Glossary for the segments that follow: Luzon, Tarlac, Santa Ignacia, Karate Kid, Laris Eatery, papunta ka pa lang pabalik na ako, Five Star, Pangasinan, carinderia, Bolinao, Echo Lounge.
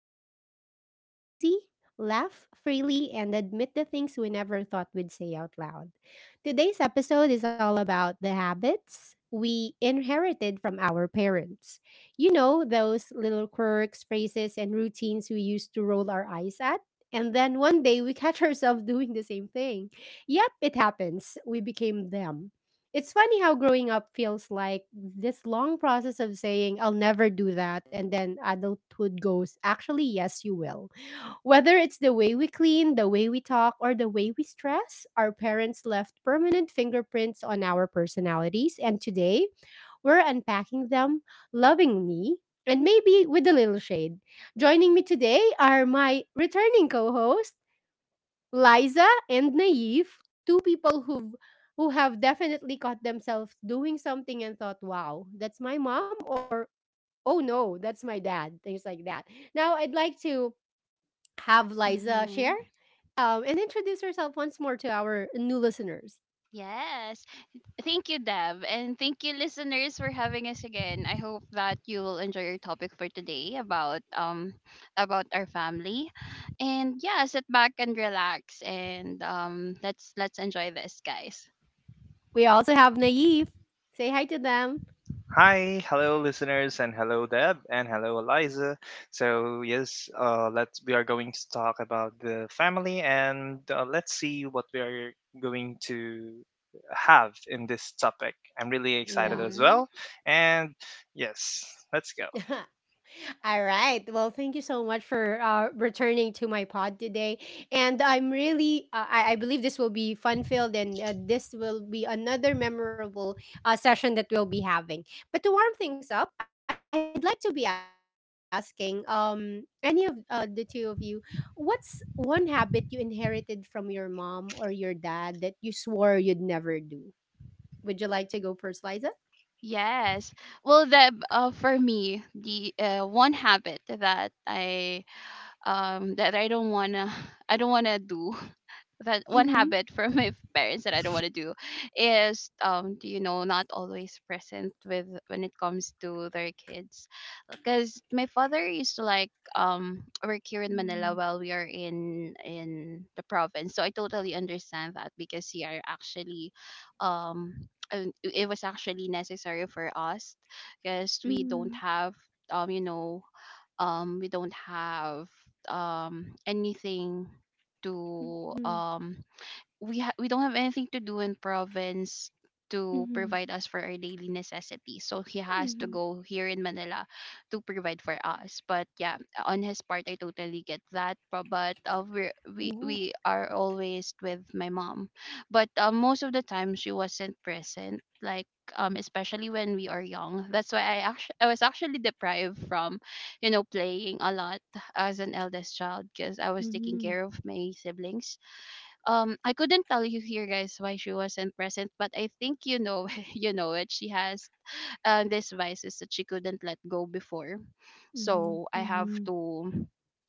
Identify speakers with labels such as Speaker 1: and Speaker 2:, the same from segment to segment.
Speaker 1: the space where we talk easy, laugh freely, and admit the things we never thought we'd say out loud. Today's episode is all about the habits we inherited from our parents. You know, those little quirks, phrases, and routines we used to roll our eyes at. And then one day we catch ourselves doing the same thing. Yep, it happens. We became them. It's funny how growing up feels like this long process of saying, I'll never do that. And then adulthood goes, actually, yes, you will. Whether it's the way we clean, the way we talk, or the way we stress, our parents left permanent fingerprints on our personalities. And today, we're unpacking them lovingly and maybe with a little shade. Joining me today are my returning co host. Liza and Naive, two people who have definitely caught themselves doing something and thought, wow, that's my mom, or oh no, that's my dad, things like that. Now I'd like to have Liza
Speaker 2: Mm-hmm.
Speaker 1: share and introduce herself once more to our new listeners.
Speaker 2: Yes, thank you, Deb. And thank you, listeners, for having us again. I hope that you will enjoy your topic for today about our family. And yeah, sit back and relax and let's enjoy this, guys.
Speaker 1: We also have Naive. Say hi to them.
Speaker 3: Hi, hello listeners, and hello Deb, and hello Eliza. So yes, let's we are going to talk about the family, and let's see what we are going to have in this topic. I'm really excited
Speaker 1: Yeah.
Speaker 3: as
Speaker 2: Mm-hmm.
Speaker 3: well, and yes, let's go.
Speaker 1: All right. Well, thank you so much for returning to my pod today. And I'm really, I believe this will be fun filled and this will be another memorable session that we'll be having. But to warm things up, I'd like to be asking any of the two of you
Speaker 2: Mm-hmm.
Speaker 1: what's one habit you inherited from your mom or your dad that you swore you'd never do? Would you like to go first, Liza?
Speaker 2: Yes. Well, Deb, for me, the one habit that I that I don't wanna I don't wanna do that
Speaker 1: Mm
Speaker 2: one
Speaker 1: hmm.
Speaker 2: habit from my parents that I don't want to do is do you know not always present with when it comes to their kids, because my father used to like work here
Speaker 1: Mm
Speaker 2: in Manila
Speaker 1: hmm.
Speaker 2: while we are in the province, so I totally understand that, because we are actually um it was actually necessary for us, because we don't
Speaker 1: Mm
Speaker 2: have um you know we don't have anything to
Speaker 1: hmm.
Speaker 2: um we don't have anything to do in province
Speaker 1: Mm
Speaker 2: to
Speaker 1: hmm.
Speaker 2: provide us for our daily necessities. So he has to
Speaker 1: Mhm.
Speaker 2: go here in Manila to provide for us. But yeah, on his part, I totally get that. But, but
Speaker 1: Oh.
Speaker 2: uh, we're, we we are always with my mom. But most of the time, she wasn't present. Like especially when we are young. That's why I was actually deprived from, you know, playing a lot as an eldest child because I was
Speaker 1: Mhm.
Speaker 2: taking care of my siblings. I couldn't tell you here, guys, why she wasn't present, but I think you know you know it. She has these vices that she couldn't let go before.
Speaker 1: Mhm.
Speaker 2: So I have
Speaker 1: Mhm.
Speaker 2: to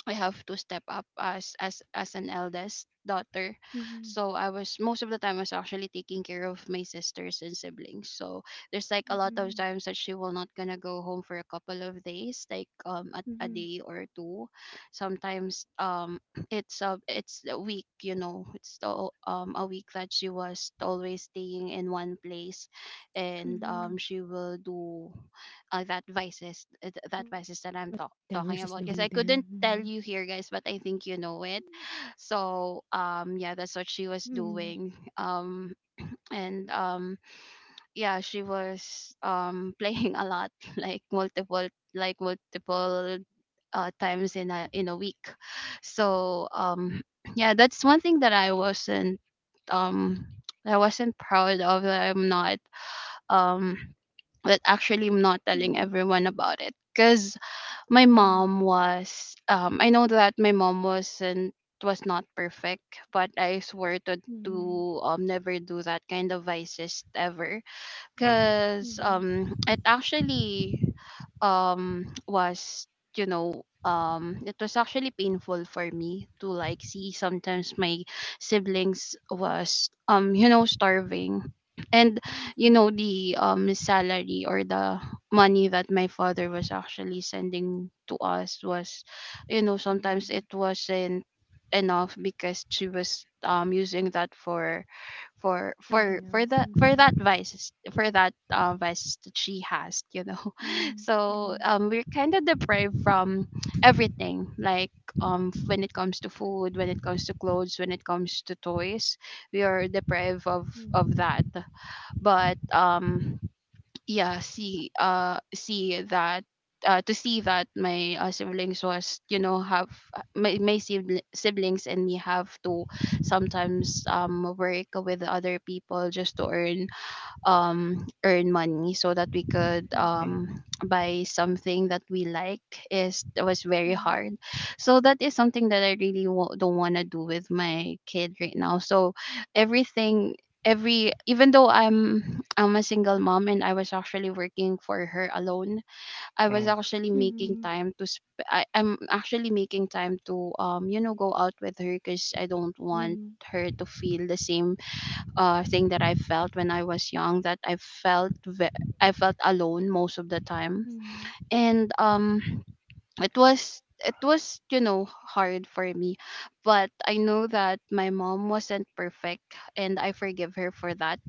Speaker 2: I have to step up as an eldest daughter.
Speaker 1: Mhm.
Speaker 2: So I was most of the time, I was actually taking care of my sisters and siblings. So there's like a lot of
Speaker 1: Mhm.
Speaker 2: times that she will not gonna go home for a couple of days, like a
Speaker 1: Mhm.
Speaker 2: day or two. Sometimes it's a week, you know, it's the, a week that she was always staying in one place, and
Speaker 1: Mhm.
Speaker 2: she will do
Speaker 1: Whatever she's
Speaker 2: that
Speaker 1: doing
Speaker 2: vices
Speaker 1: then.
Speaker 2: that I'm
Speaker 1: Mhm.
Speaker 2: talking about, because I couldn't tell you here, guys, but I think you know it. So yeah, that's what
Speaker 1: Mhm.
Speaker 2: she was doing. And yeah she was playing a lot, like multiple like multiple times in a week. So yeah, that's one thing that um I wasn't proud of, that I'm not um that actually I'm not
Speaker 1: Mhm.
Speaker 2: telling everyone about it, because my mom was I know that my mom was not perfect, but I swore to
Speaker 1: Mhm.
Speaker 2: to um never do that kind of vices ever.
Speaker 3: Mm,
Speaker 2: Cause
Speaker 1: Mhm.
Speaker 2: it actually was, you know, it was actually painful for me to like see sometimes my siblings was you know starving, and
Speaker 1: Mhm.
Speaker 2: you
Speaker 1: Mhm.
Speaker 2: know the salary or the money that my father was actually sending to us was, you know,
Speaker 1: Mhm.
Speaker 2: sometimes it wasn't enough, because she was using that
Speaker 1: Something
Speaker 2: for
Speaker 1: else.
Speaker 2: that, for
Speaker 1: Mhm.
Speaker 2: that vices, for that vice that she has, you know.
Speaker 1: Mhm.
Speaker 2: So we're kind of deprived from everything, like when it comes to food, when it comes to clothes, when it comes to toys, we are deprived
Speaker 1: Mhm.
Speaker 2: of that. But yeah, see see that to see that my siblings was you know have my, my sibli- siblings and me have to sometimes work with other people just to earn earn money so that we could
Speaker 1: Mhm.
Speaker 3: mm,
Speaker 2: buy something that we like is was very
Speaker 1: Mhm.
Speaker 2: hard. So that is something that I really don't want to do with my kid right now. So everything every even though I'm a single mom, and I was actually working for her alone, I was
Speaker 3: mm,
Speaker 2: actually making time to sp- I, I'm actually making time to you know, go out with her, because I don't
Speaker 1: Mhm.
Speaker 2: want
Speaker 1: Mhm.
Speaker 2: her to feel the same thing that I felt when I was young, that felt ve- I felt alone most of the time,
Speaker 1: Mhm.
Speaker 2: and it was you know hard for me, but I know that my mom wasn't perfect, and I forgive her for that.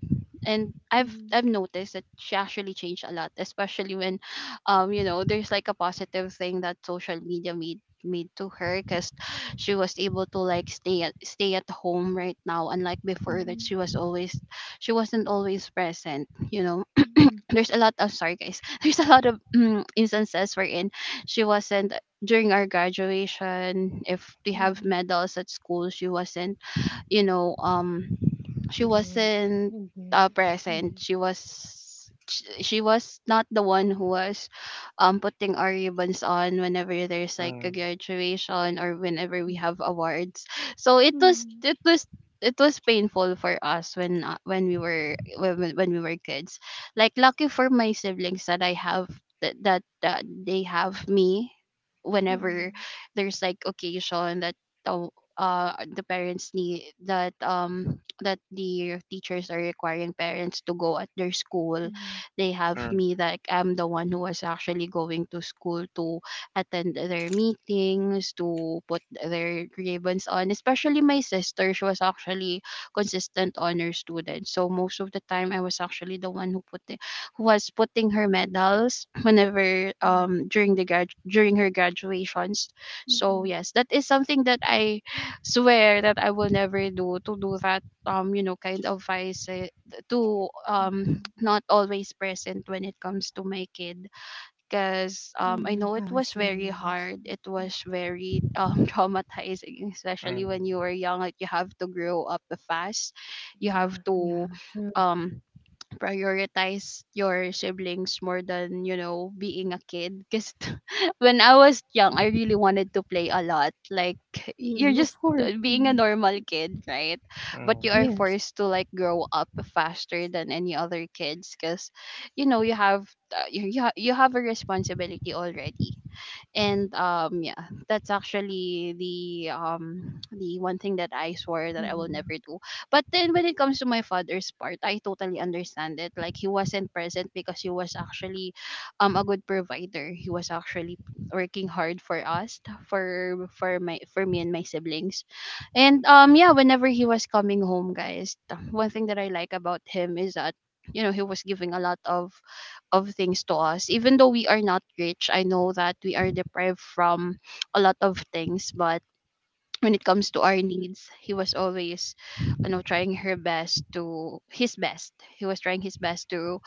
Speaker 2: And I've noticed that she actually changed a lot, especially when, you know, there's like a positive thing that social media made to her, because she was able to like stay at home right now, unlike
Speaker 1: Mhm. Mhm.
Speaker 2: before that
Speaker 1: Mhm.
Speaker 2: she was always she wasn't always present, you know.
Speaker 1: Mhm.
Speaker 2: There's a lot of, sorry guys, there's a lot of mm, instances wherein she wasn't during our graduation. If we have
Speaker 1: Mhm.
Speaker 2: medals at school, she wasn't, you know, she
Speaker 1: There.
Speaker 2: wasn't
Speaker 1: Right there.
Speaker 2: present.
Speaker 1: Mhm.
Speaker 2: She was she was not the one who was putting our ribbons on whenever there's like a graduation or whenever we
Speaker 1: Mhm.
Speaker 2: have awards. So it was,
Speaker 1: Mhm.
Speaker 2: it was painful for us when, when we were kids. Like lucky for my siblings that I have that that, that they have me whenever
Speaker 1: Mhm.
Speaker 2: there's like occasion that, oh, the parents need that, that the teachers are requiring parents to go at their school, they have
Speaker 3: mm, mm,
Speaker 2: me. Like I'm the one who was actually going to school to attend their meetings, to put their ribbons on, especially my sister. She was actually consistent honor student, so most of the time I was actually the one who who was putting her medals whenever
Speaker 1: Mhm.
Speaker 2: during the grad during her graduations. So
Speaker 1: Mhm,
Speaker 2: yes, that is something that I swear that I will never do, to do that you know, kind of vice, eh, to
Speaker 1: mhm,
Speaker 2: not always present when it comes to my kid, because I
Speaker 1: I
Speaker 2: know
Speaker 1: see,
Speaker 2: it was very
Speaker 1: understand.
Speaker 2: hard.
Speaker 1: Mm,
Speaker 2: It was very traumatizing,
Speaker 3: mm, mm,
Speaker 2: especially
Speaker 3: mm,
Speaker 2: when you were young. Like you have to grow up fast, you have
Speaker 1: yeah, yeah,
Speaker 2: to
Speaker 1: true.
Speaker 2: um prioritize your siblings more than, you know, being a kid, because when I was young, I really wanted to play a lot. Like you're just
Speaker 1: Of course.
Speaker 2: being a
Speaker 1: Mhm.
Speaker 2: normal kid, right? But you are
Speaker 1: Yes.
Speaker 2: forced to like grow up faster than any other kids, because you know, you have you have a responsibility already. And yeah, that's actually the one thing that I swore that I will
Speaker 1: Mhm,
Speaker 2: never do. But then when it comes to my father's part, I totally understand it. Like he wasn't present, because he was actually a good provider. He was actually working hard for us, for me and my siblings. And yeah, whenever he was coming home, guys, one thing that I like about him is that, you know, he was giving a lot of things to us. Even though we are not rich, I know that we are deprived from a lot of things, but when it comes to our needs, he was always, you know, trying her best to his best. He was trying his best to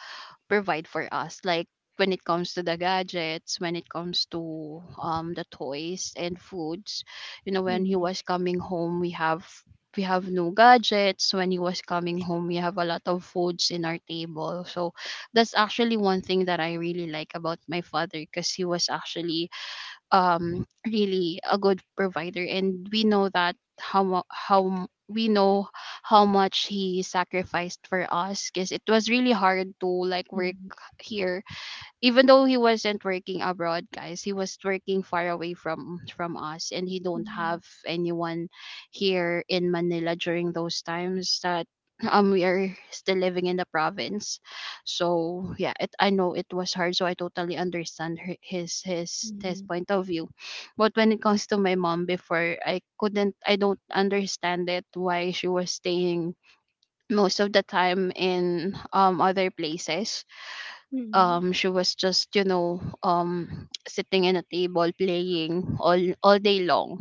Speaker 2: provide for us, like when it comes to the gadgets, when it comes to the toys and foods. You know, when he
Speaker 1: mhm,
Speaker 2: was coming home, we have, we have no gadgets. When he was coming home, we have a lot of foods in our table. So that's actually one thing that I really like about my father, because he was actually um really a good provider. And we know that how mu- how m- we know how much he sacrificed for us, because it was really hard to like work
Speaker 1: mhm,
Speaker 2: here. Even though he wasn't working abroad, guys, he was working far away from us, and he don't have anyone here in Manila during those times that we are still living in the province. So yeah, it, I know it was hard, so I totally understand her, his his
Speaker 1: mhm,
Speaker 2: his point of view. But when it comes to my mom before, I don't understand it why she was staying most of the time in other places.
Speaker 1: mhm,
Speaker 2: She was just, you know, sitting in a table playing all day long.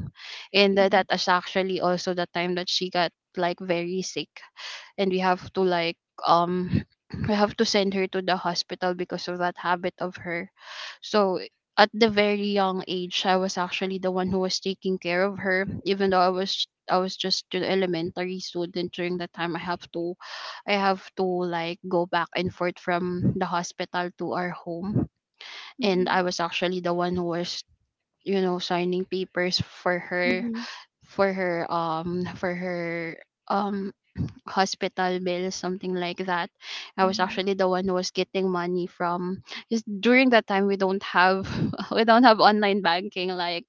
Speaker 2: And that
Speaker 1: mhm,
Speaker 2: is actually also the time that she got like very sick, and we have to like um we have to send her to the hospital because of that habit of her. So at the very young age, I was actually the one who was taking care of her. Even though I was just an elementary student during that time, I have to like go back and forth from the hospital to our home. And I
Speaker 1: mhm,
Speaker 2: was actually the one who was, you know, signing papers for Her,
Speaker 1: mhm,
Speaker 2: for her for her um hospital bills, something like that. I was actually the one who was getting money from. Just during that time, we don't have we don't have online banking. Like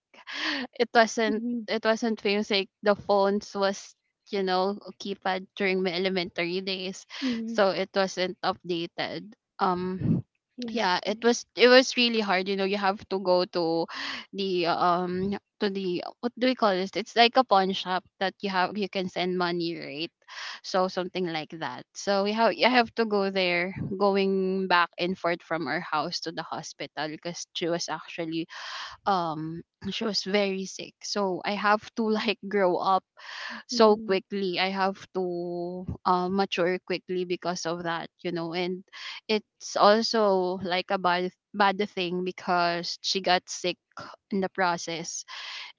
Speaker 2: it
Speaker 1: mhm, mhm,
Speaker 2: wasn't
Speaker 1: mhm,
Speaker 2: it wasn't famous. Like the phones was you know keypad during my elementary days,
Speaker 1: mhm,
Speaker 2: so it wasn't updated. Um,
Speaker 1: yes,
Speaker 2: yeah,
Speaker 1: mhm,
Speaker 2: it was really hard. You know, you have to go to the to the, what do we call this? It's like a pawn shop that you have you can send money, right? So something like that, so we have I have to go there, going back and forth from our house to the hospital because she was actually um she was very sick, so I have to like grow up so
Speaker 1: mhm,
Speaker 2: quickly. I have to mature quickly because of that, you know. And it's also like a bad thing because she got sick in the process.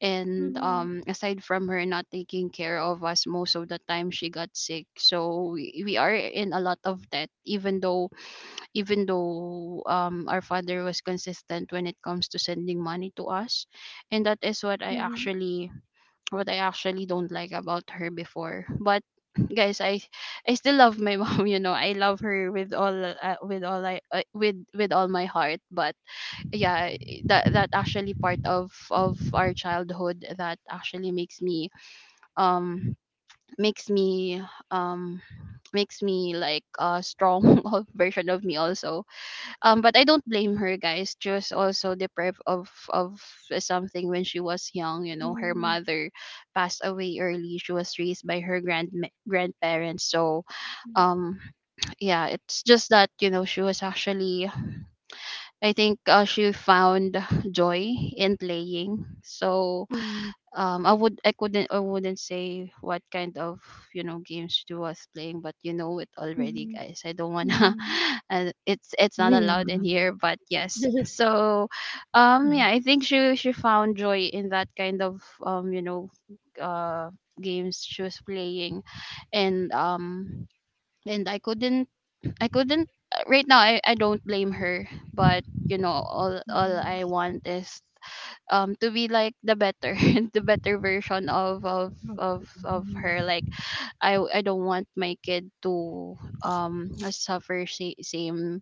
Speaker 2: And aside from her not taking care of us most of the time, she got sick, so we are in a lot of debt. Even though even though our father was consistent when it comes to sending money to us. And that is what I
Speaker 1: mhm,
Speaker 2: actually don't like about her before. But guys, I still love my mom. You know, I love her with all I with all my heart, but yeah. That actually part of our childhood that actually makes me um makes me um makes me like a strong of version of me also. But I don't blame her, guys. Just also deprived of something when she was young. You know, her
Speaker 1: mhm,
Speaker 2: mother passed away early. She was raised by her grandparents. So um yeah, it's just that, you know, she was actually, I think, she found joy in playing. So
Speaker 1: mhm,
Speaker 2: I would I couldn't I wouldn't say what kind of, you know, games she was playing, but you know it already,
Speaker 1: mhm,
Speaker 2: guys. I don't
Speaker 1: mhm,
Speaker 2: wanna,
Speaker 1: mhm.
Speaker 2: and it's not
Speaker 1: Yeah.
Speaker 2: allowed in here. But yes, so yeah, I think she found joy in that kind of you know uh games she was playing. And and I couldn't I couldn't right now, I don't blame her, but you know, all
Speaker 1: Mhm,
Speaker 2: I want is to be like the better the better version of of
Speaker 1: okay,
Speaker 2: of of
Speaker 1: mhm,
Speaker 2: her. Like I don't want my kid to suffer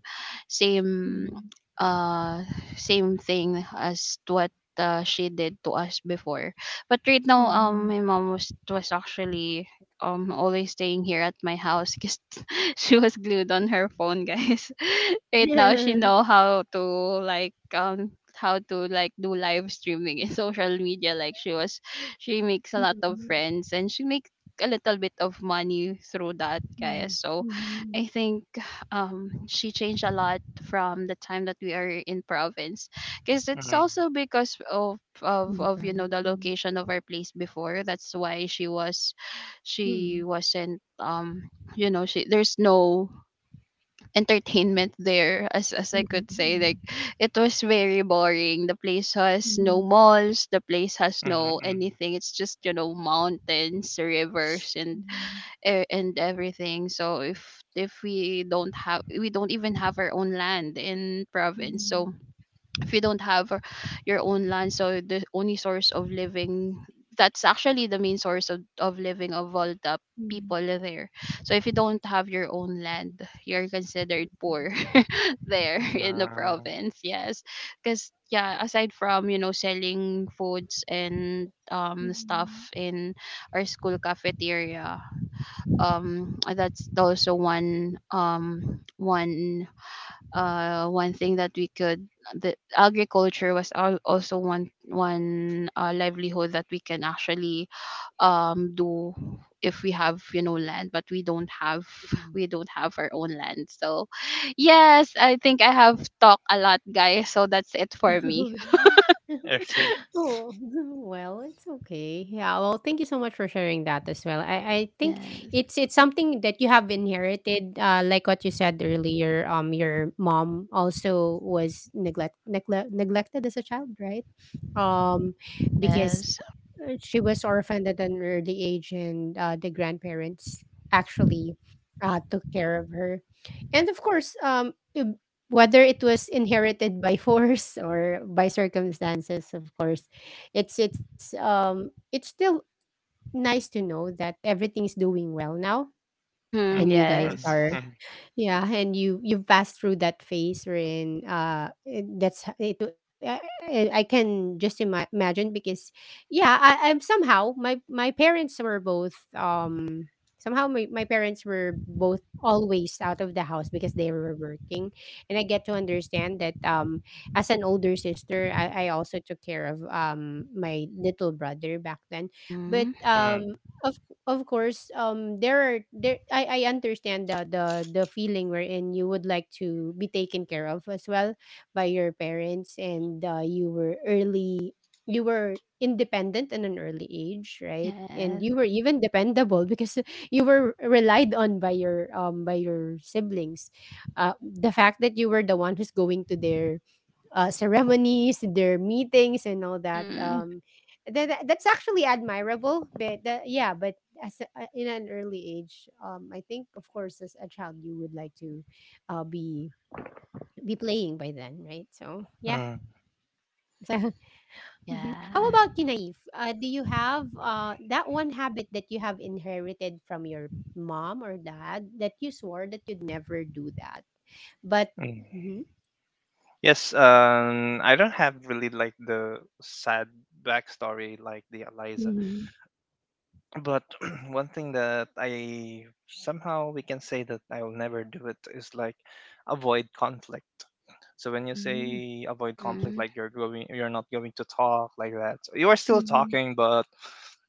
Speaker 2: same
Speaker 1: mhm,
Speaker 2: uh same thing as to what she did to us before. But right now,
Speaker 1: mhm.
Speaker 2: my mom was actually always staying here at my house because she was glued on her phone, guys. Right now she
Speaker 1: Yeah.
Speaker 2: know how to, like, how to, like, do live streaming in social media. Like she was, she makes a lot of
Speaker 1: Mhm.
Speaker 2: friends and she makes a little bit of money through that, guys.
Speaker 1: Mhm,
Speaker 2: So
Speaker 1: mhm.
Speaker 2: I think she changed a lot from the time that we are in province, because
Speaker 3: mm,
Speaker 2: it's
Speaker 3: mm,
Speaker 2: also because
Speaker 1: The
Speaker 2: of
Speaker 1: province, Hmm.
Speaker 2: of of you know the location of our place before. That's why she was,
Speaker 1: Mm.
Speaker 2: she wasn't you know, she there's no entertainment there, as I could say.
Speaker 1: Mhm,
Speaker 2: Like it was very boring. The place has no
Speaker 1: mm.
Speaker 2: malls, the place has no
Speaker 3: mm,
Speaker 2: anything. It's just, you know, mountains, rivers and
Speaker 1: Mhm,
Speaker 2: and everything. So if we don't even have our own land in province. So
Speaker 1: mhm,
Speaker 2: if you don't have your own land, so the only source of living, that's actually the main source of living of all the
Speaker 1: mhm, mhm,
Speaker 2: people there. So if you don't have your own land, you're considered poor there in the
Speaker 3: mm.
Speaker 2: province, yes. Because yeah, aside from, you know, selling foods and stuff
Speaker 1: mhm,
Speaker 2: in our school cafeteria, that's also one one one thing that we could, the agriculture was also one livelihood that we can actually do if we have, you know, land. But we don't have,
Speaker 1: mhm. Mhm.
Speaker 2: we don't have our own land. So yes, I think I have talked a lot, guys, so that's it for me.
Speaker 3: Okay.
Speaker 1: Oh, well, it's okay. Yeah, well, thank you so much for sharing that as well. I think
Speaker 2: Yes.
Speaker 1: it's something that you have inherited, like what you said earlier. Your mom also was neglected as a child, right? Um, because
Speaker 2: Yes.
Speaker 1: she was orphaned at an early age, and the grandparents actually took care of her, and of
Speaker 2: Yeah.
Speaker 1: course, whether it was inherited by force or by circumstances of course it's it's still nice to know that everything's doing well now
Speaker 2: Mm-hmm.
Speaker 1: and you
Speaker 3: Mm,
Speaker 1: guys
Speaker 2: Yes.
Speaker 1: are
Speaker 3: mm,
Speaker 1: yeah, and you've passed through that phase wherein that's I can just imagine because yeah, I'm somehow my parents were both somehow my parents were both always out of the house because they were working and I get to understand that as an older sister I also took care of my little brother back then but
Speaker 2: Mm-hmm.
Speaker 3: mm,
Speaker 1: of course, there are there. I understand the feeling wherein you would like to be taken care of as well by your parents, and you were early. You were independent at an early age, right? And you
Speaker 2: Yes.
Speaker 1: were even dependable because you were relied on by your siblings. The fact that you were the one who's going to their ceremonies, their meetings, and all that.
Speaker 2: Mm-hmm.
Speaker 1: That's actually admirable, but the, yeah, but as a, in an early age, I think of course as a child you would like to uh, be be playing by then, right? So yeah.
Speaker 3: mm,
Speaker 2: Yes.
Speaker 1: So, mhm. How about you, Naive?
Speaker 2: Yeah.
Speaker 1: Do you have that one habit that you have inherited from your mom or dad that you swore that you'd never do that, but
Speaker 3: mm, mm.
Speaker 1: Mhm.
Speaker 3: Yes, I don't have really like the sad backstory like the Eliza,
Speaker 1: Mhm.
Speaker 3: but one thing that I somehow we can say that I'll never do it is like avoid conflict. So when you
Speaker 1: Mhm.
Speaker 3: say avoid conflict,
Speaker 2: Mm-hmm.
Speaker 3: like you're not going to talk like that. So you are still
Speaker 1: Mhm.
Speaker 3: talking, but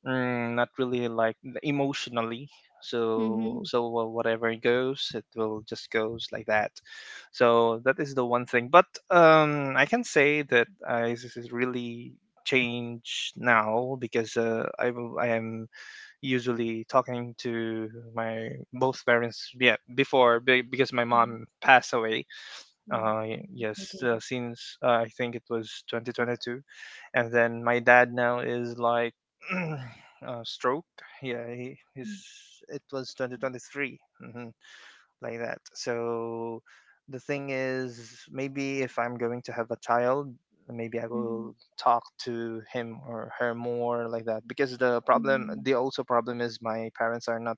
Speaker 3: not really like emotionally. So
Speaker 1: Mhm.
Speaker 3: whatever it goes, it will just goes like that. So that is the one thing. But I can say that I this is really changed now because I am usually talking to my both parents. Yeah, because my
Speaker 1: Mhm,
Speaker 3: mom passed away
Speaker 1: mm. Oh, I'm sorry to hear that.
Speaker 3: since I think it was 2022, and then my dad now is like stroke. Yeah, he his
Speaker 1: Mm,
Speaker 3: it was 2023, hmm like that. So the thing is, maybe if I'm going to have a child, maybe I
Speaker 1: mhm,
Speaker 3: will talk to him or her more like that. Because the problem,
Speaker 1: mhm,
Speaker 3: the also problem is my parents are not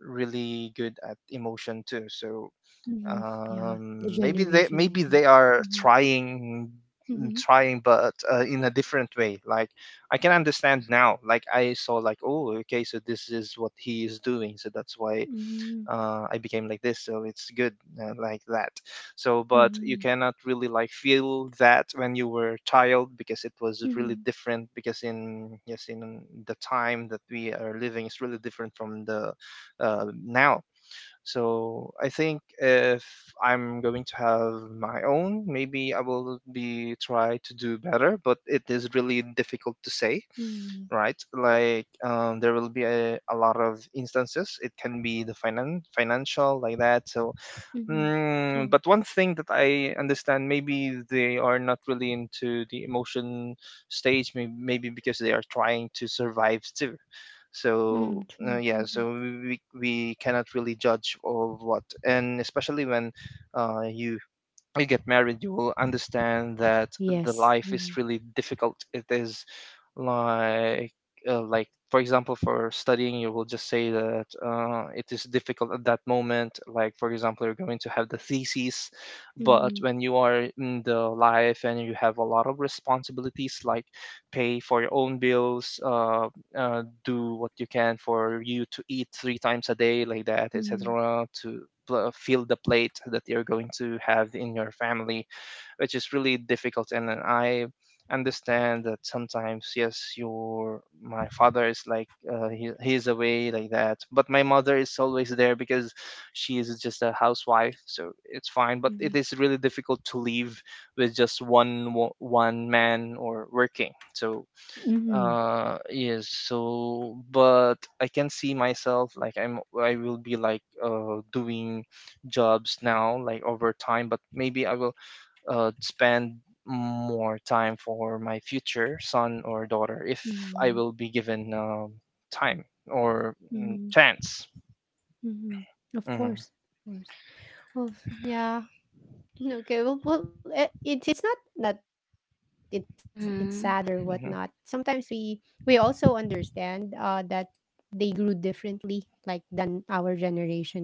Speaker 3: really good at emotion too. So
Speaker 1: mhm, yeah, the
Speaker 3: maybe they
Speaker 1: generation is
Speaker 3: maybe they are
Speaker 1: mhm,
Speaker 3: trying
Speaker 1: mhm,
Speaker 3: trying but in a different way. Like I can understand
Speaker 2: Yeah.
Speaker 3: now, like I saw like, oh, okay, so this is what he is doing, so that's why
Speaker 1: mhm,
Speaker 3: I became like this, so it's good, like that. So but you
Speaker 1: mhm,
Speaker 3: cannot really like feel that when you were a child because it was really
Speaker 1: mhm,
Speaker 3: different, because in yes, in the time that we are living is really different from the now. So I think if I'm going to have my own, maybe I will be try to do better, but it is really difficult to say,
Speaker 1: mhm,
Speaker 3: right? Like there will be a lot of instances. It can be the financial, like that. So
Speaker 1: mhm. True.
Speaker 3: mm, but one thing that I understand, maybe they are not really into the emotion stage, maybe, maybe because they are trying to survive too.
Speaker 1: Mm.
Speaker 3: So
Speaker 1: True.
Speaker 3: yeah,
Speaker 1: Mhm,
Speaker 3: so we cannot really judge of what, and especially when uh, you you get married, you will understand that the
Speaker 1: yes.
Speaker 3: life is
Speaker 1: Mhm,
Speaker 3: really difficult. It is like like for example, for studying you will just say that it is difficult at that moment, like for example you're going to have the thesis, but
Speaker 1: mhm,
Speaker 3: when you are in the life and you have a lot of responsibilities, like pay for your own bills, do what you can for you to eat three times a day, like that,
Speaker 1: mhm,
Speaker 3: etc., to fill the plate that you're going to have in your family, which is really difficult. And then I understand that sometimes, yes, your my father is like he he's away like that, but my mother is always there because she is just a housewife, so it's fine. But it
Speaker 1: mhm,
Speaker 3: is really difficult to leave with just one one man or working. So
Speaker 1: mhm.
Speaker 3: yes, so but I can see myself like I will be like doing jobs now like over time, but maybe I will spend more time for my future son or daughter if I
Speaker 1: Mhm,
Speaker 3: will be given time or
Speaker 1: mhm,
Speaker 3: chance.
Speaker 1: mhm. Of
Speaker 3: Mm-hmm.
Speaker 1: course. Of course. Well, yeah. Okay, well, well, eh, it's not that it's sad or whatnot.
Speaker 2: Mm-hmm.
Speaker 1: Sometimes
Speaker 3: Mm-hmm.
Speaker 1: we also understand that they grew differently, like than our generation, right?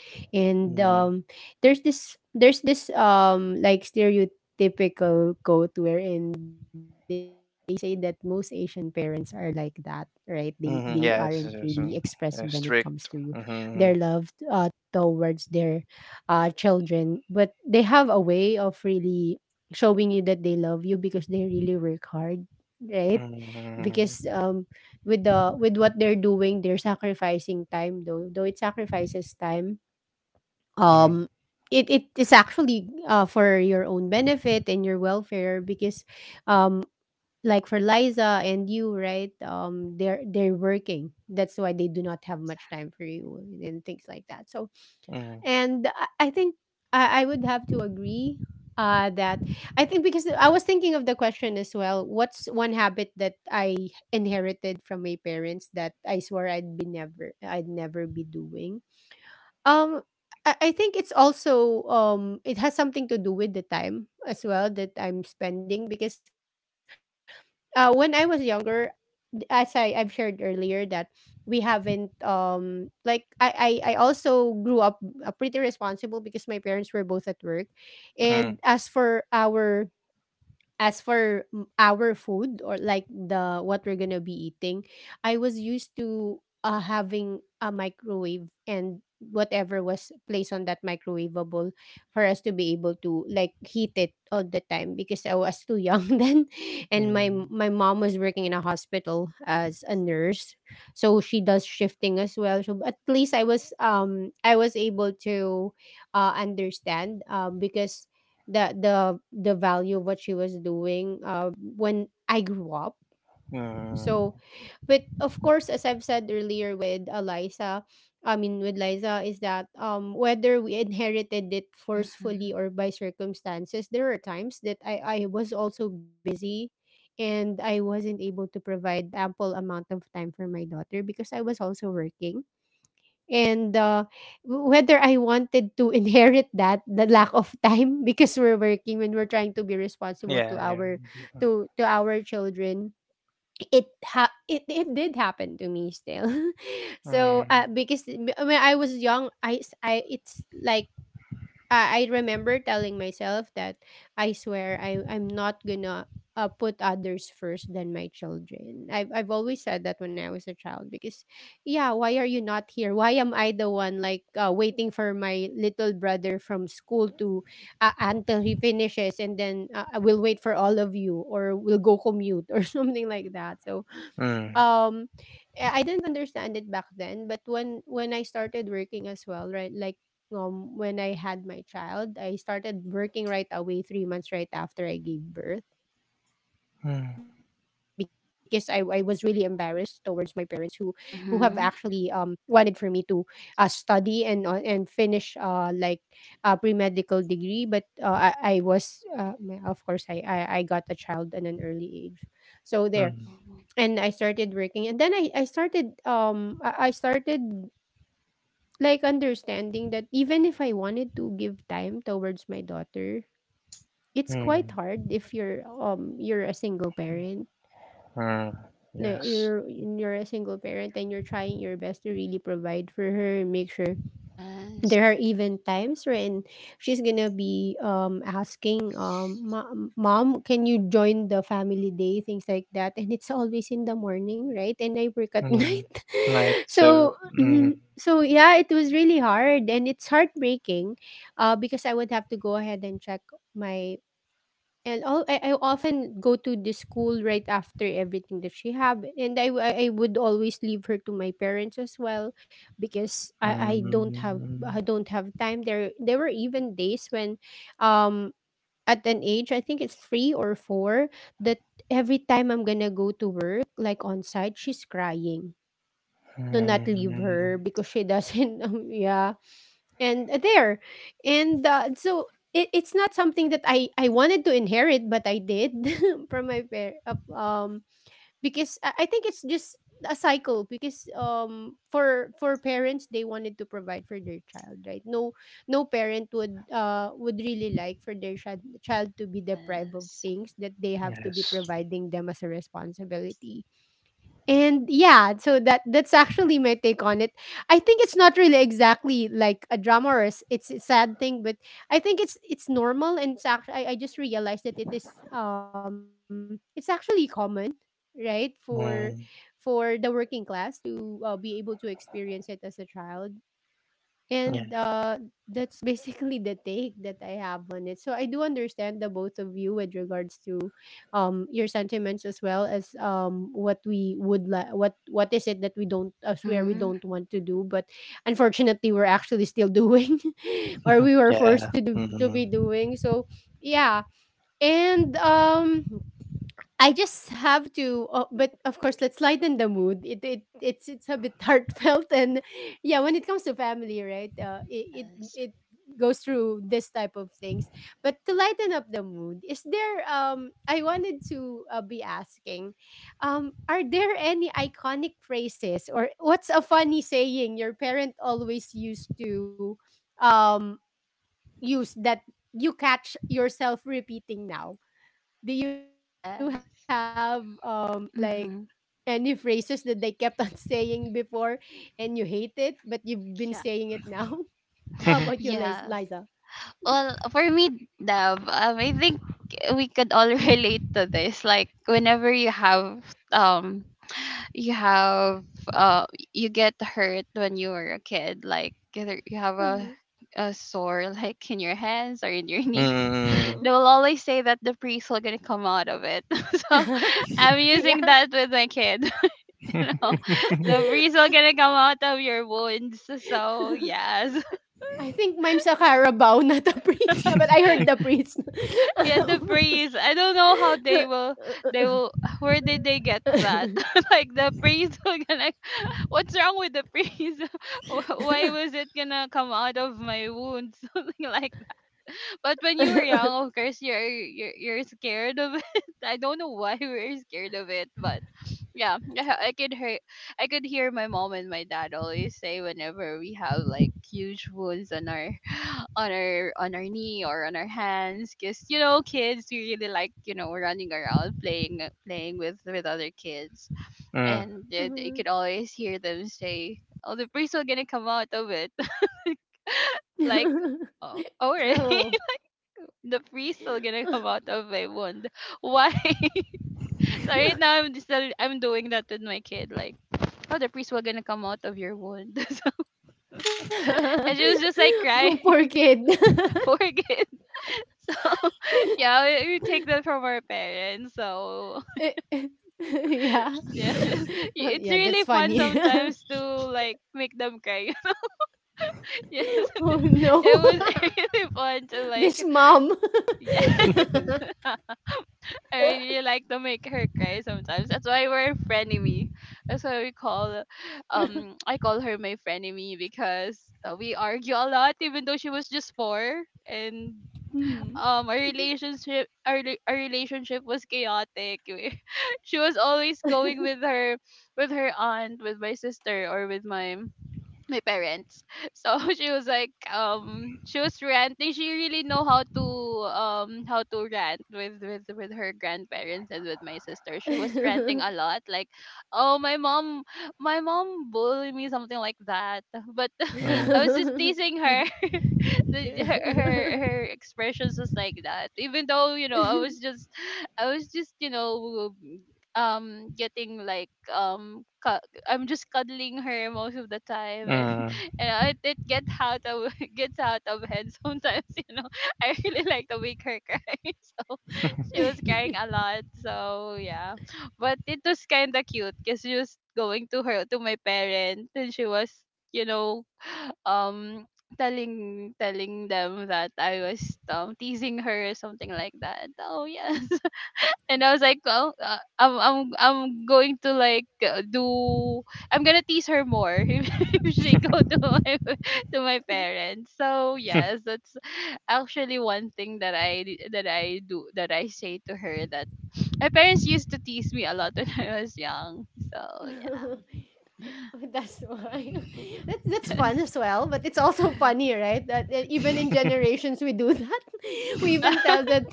Speaker 1: And
Speaker 3: Mm-hmm.
Speaker 1: there's this like stereotypical quote wherein they say that most Asian parents are like that, right? They aren't really
Speaker 3: Mm-hmm. Yes, yes,
Speaker 1: expressive when
Speaker 3: yes,
Speaker 1: it comes
Speaker 3: yeah,
Speaker 1: to
Speaker 3: strict.
Speaker 1: their love
Speaker 3: Mm-hmm.
Speaker 1: towards their children, but they have a way of really showing you that they love you because they really work hard, right? Because
Speaker 3: Mm-hmm.
Speaker 1: with the with what they're doing, they're sacrificing time though. Though it sacrifices time,
Speaker 3: Mm-hmm.
Speaker 1: um, it it is actually for your own benefit and your welfare because, um, like for Liza and you, right? They're working. That's why they do not have
Speaker 2: Yes.
Speaker 1: much time for you and things like that. So and I think I would have to agree that I think because I was thinking of the question as well. What's one habit that I inherited from my parents that I swore I'd never be doing? Um, I think it's also it has something to do with the time as well that I'm spending because when I was younger, as I've shared earlier that we haven't like I also grew up pretty responsible because my parents were both at work, and
Speaker 3: Mm-hmm.
Speaker 1: as for our as for our food or like the what we're gonna be eating, I was used to having a microwave and whatever was placed on that microwavable for us to be able to like heat it all the time because I was too young then, and
Speaker 3: Mm-hmm.
Speaker 1: my mom was working in a hospital as a nurse, so she does shifting as well. So at least I was able to understand because the the the value of what she was doing when I grew up.
Speaker 3: Mm-hmm.
Speaker 1: So, but of course, as I've said earlier with Eliza, I mean with Liza, is that whether we inherited it
Speaker 2: Mm-hmm.
Speaker 1: forcefully or by circumstances, there are times that I was also busy, and I wasn't able to provide ample amount of time for my daughter because I was also working and whether I wanted to inherit that the lack of time because we're working when we're trying to be responsible
Speaker 3: Yeah, yeah.
Speaker 1: to our children it it it did happen to me still so
Speaker 3: Mm-hmm.
Speaker 1: because when I was young it's like I remember telling myself that I swear I'm not gonna put others first than my children. I've always said that when I was a child because yeah, why are you not here? Why am I the one like waiting for my little brother from school to until he finishes and then I will wait for all of you or we'll go commute or something like that. So
Speaker 3: Mm-hmm.
Speaker 1: um I didn't understand it back then, but when I started working as well, right? Like when I had my child, I started working right away 3 months right after I gave birth because I was
Speaker 3: Mm-hmm.
Speaker 1: really embarrassed towards my parents who have actually wanted for
Speaker 2: Mm-hmm.
Speaker 1: me to study and and finish like a pre-medical degree but I was of course I, I got a child at an early age. So there
Speaker 2: Oh,
Speaker 1: and I started working and then I started I started like understanding that even if I wanted to give time towards my daughter, it's
Speaker 3: Mm-hmm.
Speaker 1: quite hard if you're you're a single parent.
Speaker 3: Mm-hmm.
Speaker 1: Like,
Speaker 3: Yes.
Speaker 1: you're a single parent and you're trying your best to really provide for her and make sure
Speaker 2: yes.
Speaker 1: there are even times when she's gonna be asking ma mom can you join the family day things like that and it's always in the morning right and I work at night
Speaker 3: Mm-hmm. Night. So.
Speaker 1: so
Speaker 3: Mm-hmm.
Speaker 1: mhm. So yeah it was really hard and it's heartbreaking because I would have to go ahead and check my and all I often go to the school right after everything that she have, and I would always leave her to my parents as well, because
Speaker 3: Mm,
Speaker 1: I don't have time. There were even days when, um, at an age I think it's three or four that every time I'm gonna go to work like on site, she's crying. "Do
Speaker 3: mm.
Speaker 1: not leave her," because she doesn't. Yeah, and there and so it, It's not something that I wanted to inherit, but I did from my parents. um because I think it's just a cycle, because for parents, they wanted to provide for their child, right? No no parent would really like for their child to be deprived of
Speaker 2: Yes.
Speaker 1: things that they have to be
Speaker 3: Yes.
Speaker 1: providing them as a responsibility. And yeah, so that's actually my take on it. I think it's not really exactly like a drama or a it's a sad thing, but I think it's normal, and it's actually I just realized that it is it's actually common, right?
Speaker 3: Mm,
Speaker 1: For the working class to be able to experience it as a child, and
Speaker 3: yeah.
Speaker 1: that's basically the take that I have on it. So I do understand the both of you with regards to your sentiments, as well as what we would like, what is it that we don't swear we
Speaker 2: Mm-hmm.
Speaker 1: don't want to do, but unfortunately we're actually still doing, or we were
Speaker 3: Yeah.
Speaker 1: forced to do, to
Speaker 3: Mm.
Speaker 1: be doing. So yeah. And I just have to, but of course, let's lighten the mood. It's a bit heartfelt, and yeah, when it comes to family, right? Uh, it, it
Speaker 2: Yes.
Speaker 1: it goes through this type of things. But to lighten up the mood, is there? I wanted to be asking, are there any iconic phrases, or what's a funny saying your parent always used to, um, use that you catch yourself repeating now? Do you have
Speaker 2: Yes.
Speaker 1: like any
Speaker 2: Mm-hmm.
Speaker 1: phrases that they kept on saying before, and you hate it, but you've been saying it
Speaker 2: Yeah.
Speaker 1: now? How about you, Liza?
Speaker 2: Yes. Well, for me, Dab, I think we could all relate to this. Like whenever you have, um, you have, uh, you get hurt when you were a kid. Like either you have
Speaker 1: Uh-huh.
Speaker 2: a sore, like in your hands or in your knee,
Speaker 1: Uh-huh.
Speaker 3: Mm.
Speaker 2: they will always say that the priest will gonna come out of it. So I'm using
Speaker 1: Yeah.
Speaker 2: that with my kid. You know, the priest will gonna come out of your wounds. So yes,
Speaker 1: I think mine's a Carabao, not a priest. No, but I heard the priest.
Speaker 2: yeah, the priest. I don't know how they will. They will. Where did they get that? Like the priest will gonna. What's wrong with the priest? Why was it gonna come out of my wounds? Something like. But when you were young, of course, you're scared of it. I don't know why we were scared of it, but yeah, yeah, I could hear my mom and my dad always say whenever we have like huge wounds on our on our knee or on our hands, because you know kids, we really like, you know, running around playing, with other kids,
Speaker 3: Mm. Mm.
Speaker 2: and you could always hear them say, "Oh, the priest will gonna come out of it," like. Oh, already,
Speaker 1: True.
Speaker 2: the free still gonna come out of my wound. Why? So right now I'm just still I'm doing that with my kid, like, oh, the priest will gonna come out of your wound. So and she was just like crying.
Speaker 1: Oh, poor kid.
Speaker 2: Poor kid. So yeah, we take that from our parents. So
Speaker 1: Eh, eh, yeah.
Speaker 2: yeah,
Speaker 1: Oh,
Speaker 2: it's
Speaker 1: yeah, that's
Speaker 2: really fun
Speaker 1: funny.
Speaker 2: sometimes to like make them cry. Yes.
Speaker 1: Oh no.
Speaker 2: It was really fun to
Speaker 1: This
Speaker 2: like
Speaker 1: mom.
Speaker 2: yes. I really like to make her cry sometimes. That's why we're frenemy. That's why we call, I call her my frenemy because we argue a lot, even though she was just four, and our relationship, our our relationship was chaotic. She was always going with her aunt, with my sister, or with my parents. So she was like, she was ranting. She really know how to rant with with her grandparents and with my sister. She was ranting a lot, like, oh, my mom, bullied me, something like that. But I was just teasing her. Her, her expressions was like that, even though, you know, I was just I was just, you know, getting like I'm just cuddling her most of the time, and
Speaker 3: Mm.
Speaker 2: and I, it get out of gets out of hand sometimes you know, I really like to make her cry. So she was crying a lot, so yeah. But it was kind of cute because she was going to her to my parent, and she was, you know, um telling them that I was teasing her or something like that. Oh yes, and I was like, well, I'm going to like do I'm gonna tease her more if she go to my to my parents. So yes, that's actually one thing that that I do, that I say to her, that my parents used to tease me a lot when I was young. So yeah,
Speaker 1: That's why. That's fun
Speaker 2: yes,
Speaker 1: as well, but it's also funny, right, that that even in generations we do that. We
Speaker 2: yeah,
Speaker 1: even tell that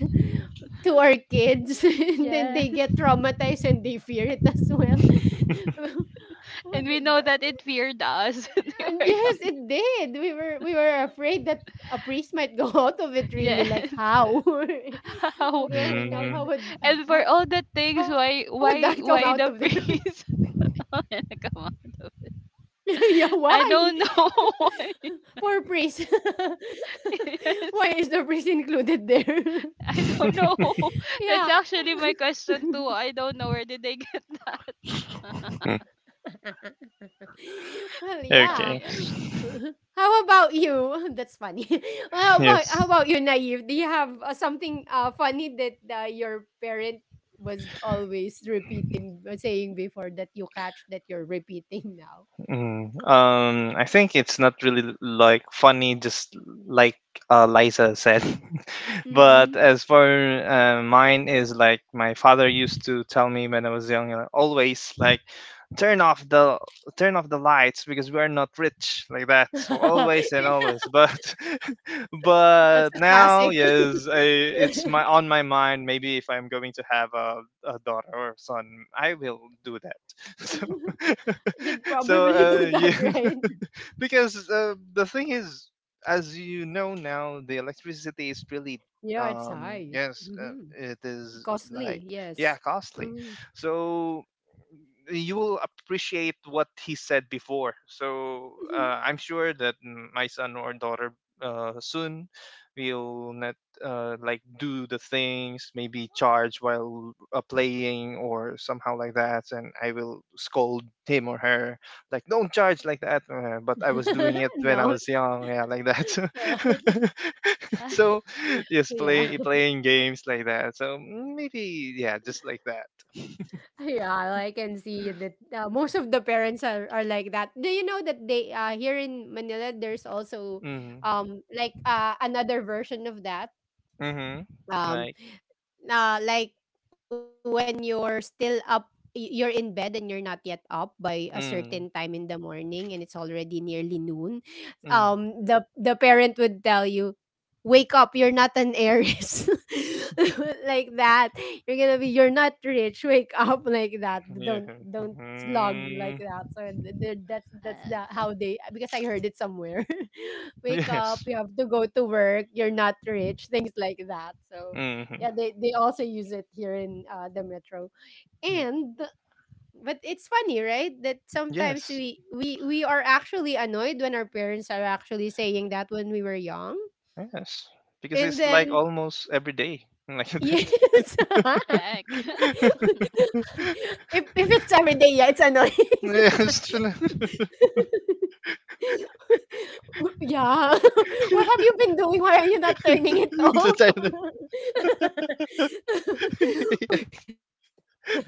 Speaker 1: to our kids, and then
Speaker 2: yes.
Speaker 1: they get traumatized and they fear it as well.
Speaker 2: Yeah.
Speaker 1: Oh,
Speaker 2: And we know that it feared us when we
Speaker 1: and
Speaker 2: were
Speaker 1: yes
Speaker 2: young.
Speaker 1: it did, we were afraid that a priest might go out of it. Really,
Speaker 2: Yes.
Speaker 1: like how?
Speaker 2: How
Speaker 1: Growing up,
Speaker 3: Mm.
Speaker 2: and
Speaker 1: how
Speaker 2: and
Speaker 1: would
Speaker 2: for
Speaker 1: that
Speaker 2: all the
Speaker 1: come out
Speaker 2: things,
Speaker 1: of?
Speaker 2: why why the priest come out of
Speaker 1: Yeah, why?
Speaker 2: it. I don't know
Speaker 1: Poor priest.
Speaker 2: why.
Speaker 1: Why is the priest
Speaker 2: Yes.
Speaker 1: included there?
Speaker 2: I don't know.
Speaker 1: Yeah.
Speaker 2: That's actually my question too. I don't know where did they get that.
Speaker 1: Well,
Speaker 2: So
Speaker 1: yeah.
Speaker 3: Okay.
Speaker 2: yeah.
Speaker 1: How about you? That's funny.
Speaker 3: Yes.
Speaker 1: How about you, naive? Do you have something funny that your parent was always repeating, saying before that you catch that you're repeating now?
Speaker 3: Mm. I think it's not really like funny, just like Liza said. But
Speaker 1: Mm-hmm.
Speaker 3: as for mine is like my father used to tell me when I was young, always like turn off the turn off the lights because we are not rich, like that. So always and always. But but
Speaker 1: That's a
Speaker 3: now
Speaker 1: classic.
Speaker 3: yes, I, it's my on my mind. Maybe if I'm going to have a daughter or son, I will do that. So
Speaker 1: You'd probably
Speaker 3: so
Speaker 1: do that,
Speaker 3: yeah,
Speaker 1: right?
Speaker 3: because the thing is, as you know now, the electricity is really
Speaker 1: Yeah, it's high.
Speaker 3: yes,
Speaker 1: Hmm.
Speaker 3: it is like
Speaker 1: Costly,
Speaker 3: yeah
Speaker 1: yes.
Speaker 3: costly,
Speaker 1: Hmm.
Speaker 3: so you will appreciate what he said before. So I'm sure that my son or daughter soon will not like do the things, maybe charge while playing or somehow like that. And I will scold him or her like, "Don't charge like that." But I was doing it when I
Speaker 1: No,
Speaker 3: was young, yeah, like that.
Speaker 1: no.
Speaker 2: Uh,
Speaker 3: So yes,
Speaker 1: Yeah.
Speaker 3: playing games like that. So maybe yeah, just like that.
Speaker 1: Yeah, I can see that most of the parents are like that. Do you know that they here in Manila, there's also
Speaker 3: Mhm.
Speaker 1: like another version of that?
Speaker 3: Mhm.
Speaker 1: um.
Speaker 3: Like,
Speaker 1: uh, like when you're still up, you're in bed and you're not yet up by a certain
Speaker 3: mm,
Speaker 1: time in the morning, and it's already nearly noon,
Speaker 3: mm,
Speaker 1: the parent would tell you, "Wake up, you're not an heiress," like that. "You're gonna be, you're not rich, wake up," like that.
Speaker 3: yeah,
Speaker 1: Don't slog like
Speaker 3: mhm,
Speaker 1: that." So that's the
Speaker 2: yes.
Speaker 1: how they, because I heard it somewhere. "Wake up,
Speaker 3: yes,
Speaker 1: you have to go to work, you're not rich," things like that. So
Speaker 3: mhm,
Speaker 1: yeah, they also use it here in the metro.
Speaker 3: mm,
Speaker 1: And but it's funny, right? That sometimes
Speaker 3: yes,
Speaker 1: we are actually annoyed when our parents are actually saying that when we were young.
Speaker 3: yes. Because
Speaker 1: And
Speaker 3: it's like
Speaker 1: then
Speaker 3: almost every day, like
Speaker 1: yes.
Speaker 3: that.
Speaker 2: Correct.
Speaker 1: If it's every day, yeah, it's annoying.
Speaker 3: Yes, true.
Speaker 1: Yeah. What have you been doing? Why are you not turning it
Speaker 3: The
Speaker 1: off?
Speaker 3: Thailand. Yes,
Speaker 1: We're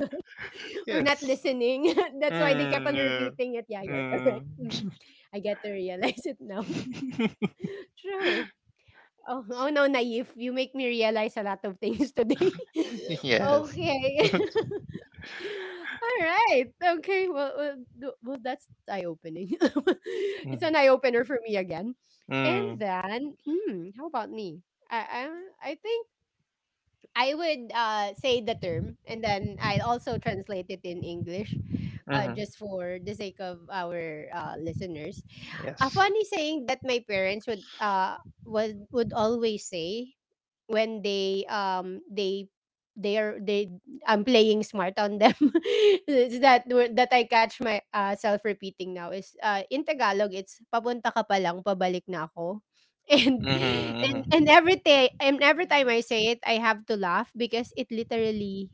Speaker 1: we're not listening.
Speaker 3: yes.
Speaker 1: That's why they kept on repeating it. Yeah,
Speaker 3: Mm,
Speaker 1: you're correct.
Speaker 3: yeah.
Speaker 1: Mhm.
Speaker 3: Mm.
Speaker 1: I get to realize it now. True. Oh, oh no, naive. You make me realize a lot of things today.
Speaker 3: Yes.
Speaker 1: Okay. All right. Okay. Well, well, well, that's eye opening.
Speaker 3: Mm,
Speaker 1: It's an eye opener for me again.
Speaker 3: mm,
Speaker 1: And then, mm, how about me? I, I think I would say the term and then I also translate it in English,
Speaker 3: mhm,
Speaker 1: just for the sake of our listeners. A
Speaker 3: yes.
Speaker 1: funny saying that my parents would always say when they are they I'm playing smart on them. It's that word that I catch my self repeating now is in Tagalog, it's "papunta ka pa lang, pabalik na ako." And
Speaker 3: Mm-hmm,
Speaker 1: and
Speaker 3: mm-hmm.
Speaker 1: every day and every time I
Speaker 2: Yes.
Speaker 1: say it, I have to laugh, because it literally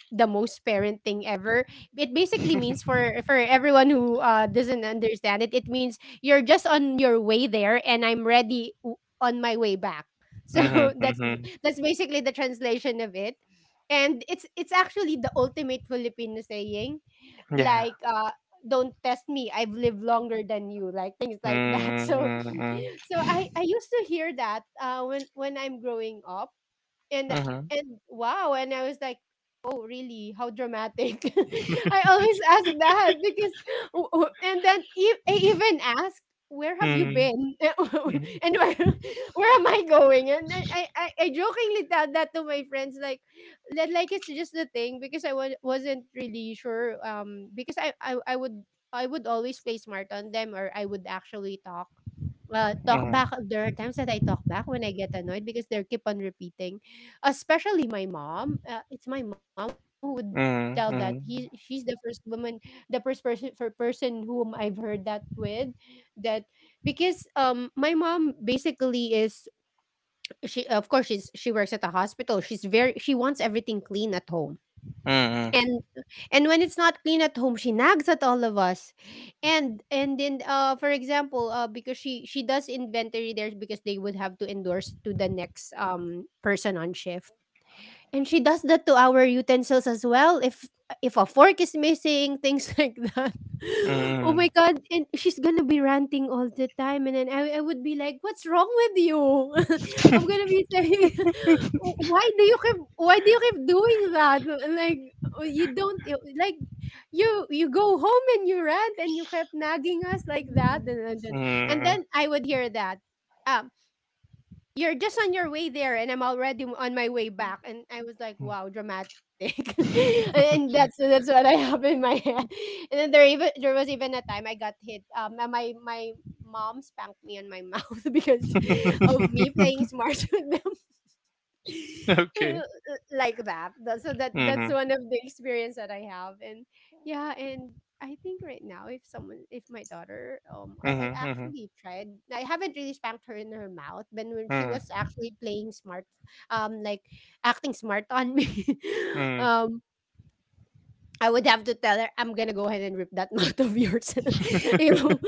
Speaker 1: the most parent thing ever. It basically means, for everyone who doesn't understand it, it means you're just on your way there, and I'm ready on my way back. So
Speaker 3: Mm-hmm,
Speaker 1: that's basically the translation of it, and it's actually the ultimate Filipino saying,
Speaker 3: yeah.
Speaker 1: like "Don't test me, I've lived longer than you," like things like that. So
Speaker 3: Mm-mm-mm.
Speaker 1: so I used to hear that when I'm growing up, and
Speaker 3: Mm-hmm.
Speaker 1: and wow, and I was like, "Oh really, how dramatic," I always ask that, because and then I even asked, "Where have you
Speaker 3: Mm-hmm.
Speaker 1: been?" and Where am I going?" And I, I jokingly tell that to my friends, like like it's just the thing, because wasn't really sure, because I, I would I would always play smart on them, or I would actually talk, talk
Speaker 3: Mm-hmm.
Speaker 1: back. There are times that I talk back when I get annoyed because they keep on repeating, especially my mom. It's my mom who would tell that, he
Speaker 3: Mm-hmm.
Speaker 1: she's the first woman, the first person, for person whom I've heard that with, that because my mom basically is, she of course she's she works at a hospital. She's very, she wants everything clean at home.
Speaker 3: Mm-hmm.
Speaker 2: Mm-hmm.
Speaker 1: And and when it's not clean at home, she nags at all of us. And then for example, because she does inventory there, because they would have to endorse to the next person on shift, and she does that to our utensils as well. If a fork is missing, things like that. Oh
Speaker 3: Mm-hmm.
Speaker 1: my god! And she's gonna be ranting all the time, and then I would be like, "What's wrong with you?" I'm gonna be saying, "Why do you keep, why do you keep doing that? Like oh, you don't, like you go home and you rant and you kept nagging us like that, and
Speaker 3: Mm-hmm.
Speaker 1: then I would hear that." um "You're just on your way there, and I'm already on my way
Speaker 2: Mm-hmm.
Speaker 1: back," and I was like, "Wow, dramatic." And that's what I have in my head. And then there, even there was even a time I got hit, my my mom spanked me on my mouth because of me playing smart with them,
Speaker 3: Okay.
Speaker 1: like that. So that
Speaker 3: Mm-hmm.
Speaker 1: that's one of the experience that I have, and yeah, and I think right now, if someone, if my daughter, I
Speaker 3: Mm-hmm. Mm-hmm.
Speaker 1: actually tried. I haven't really spanked her in her mouth, but when she was
Speaker 3: Mm-hmm.
Speaker 1: actually playing smart, like acting smart on me,
Speaker 3: Mm.
Speaker 1: um, I would have to tell her, "I'm gonna go ahead and rip that mouth of yours." You know,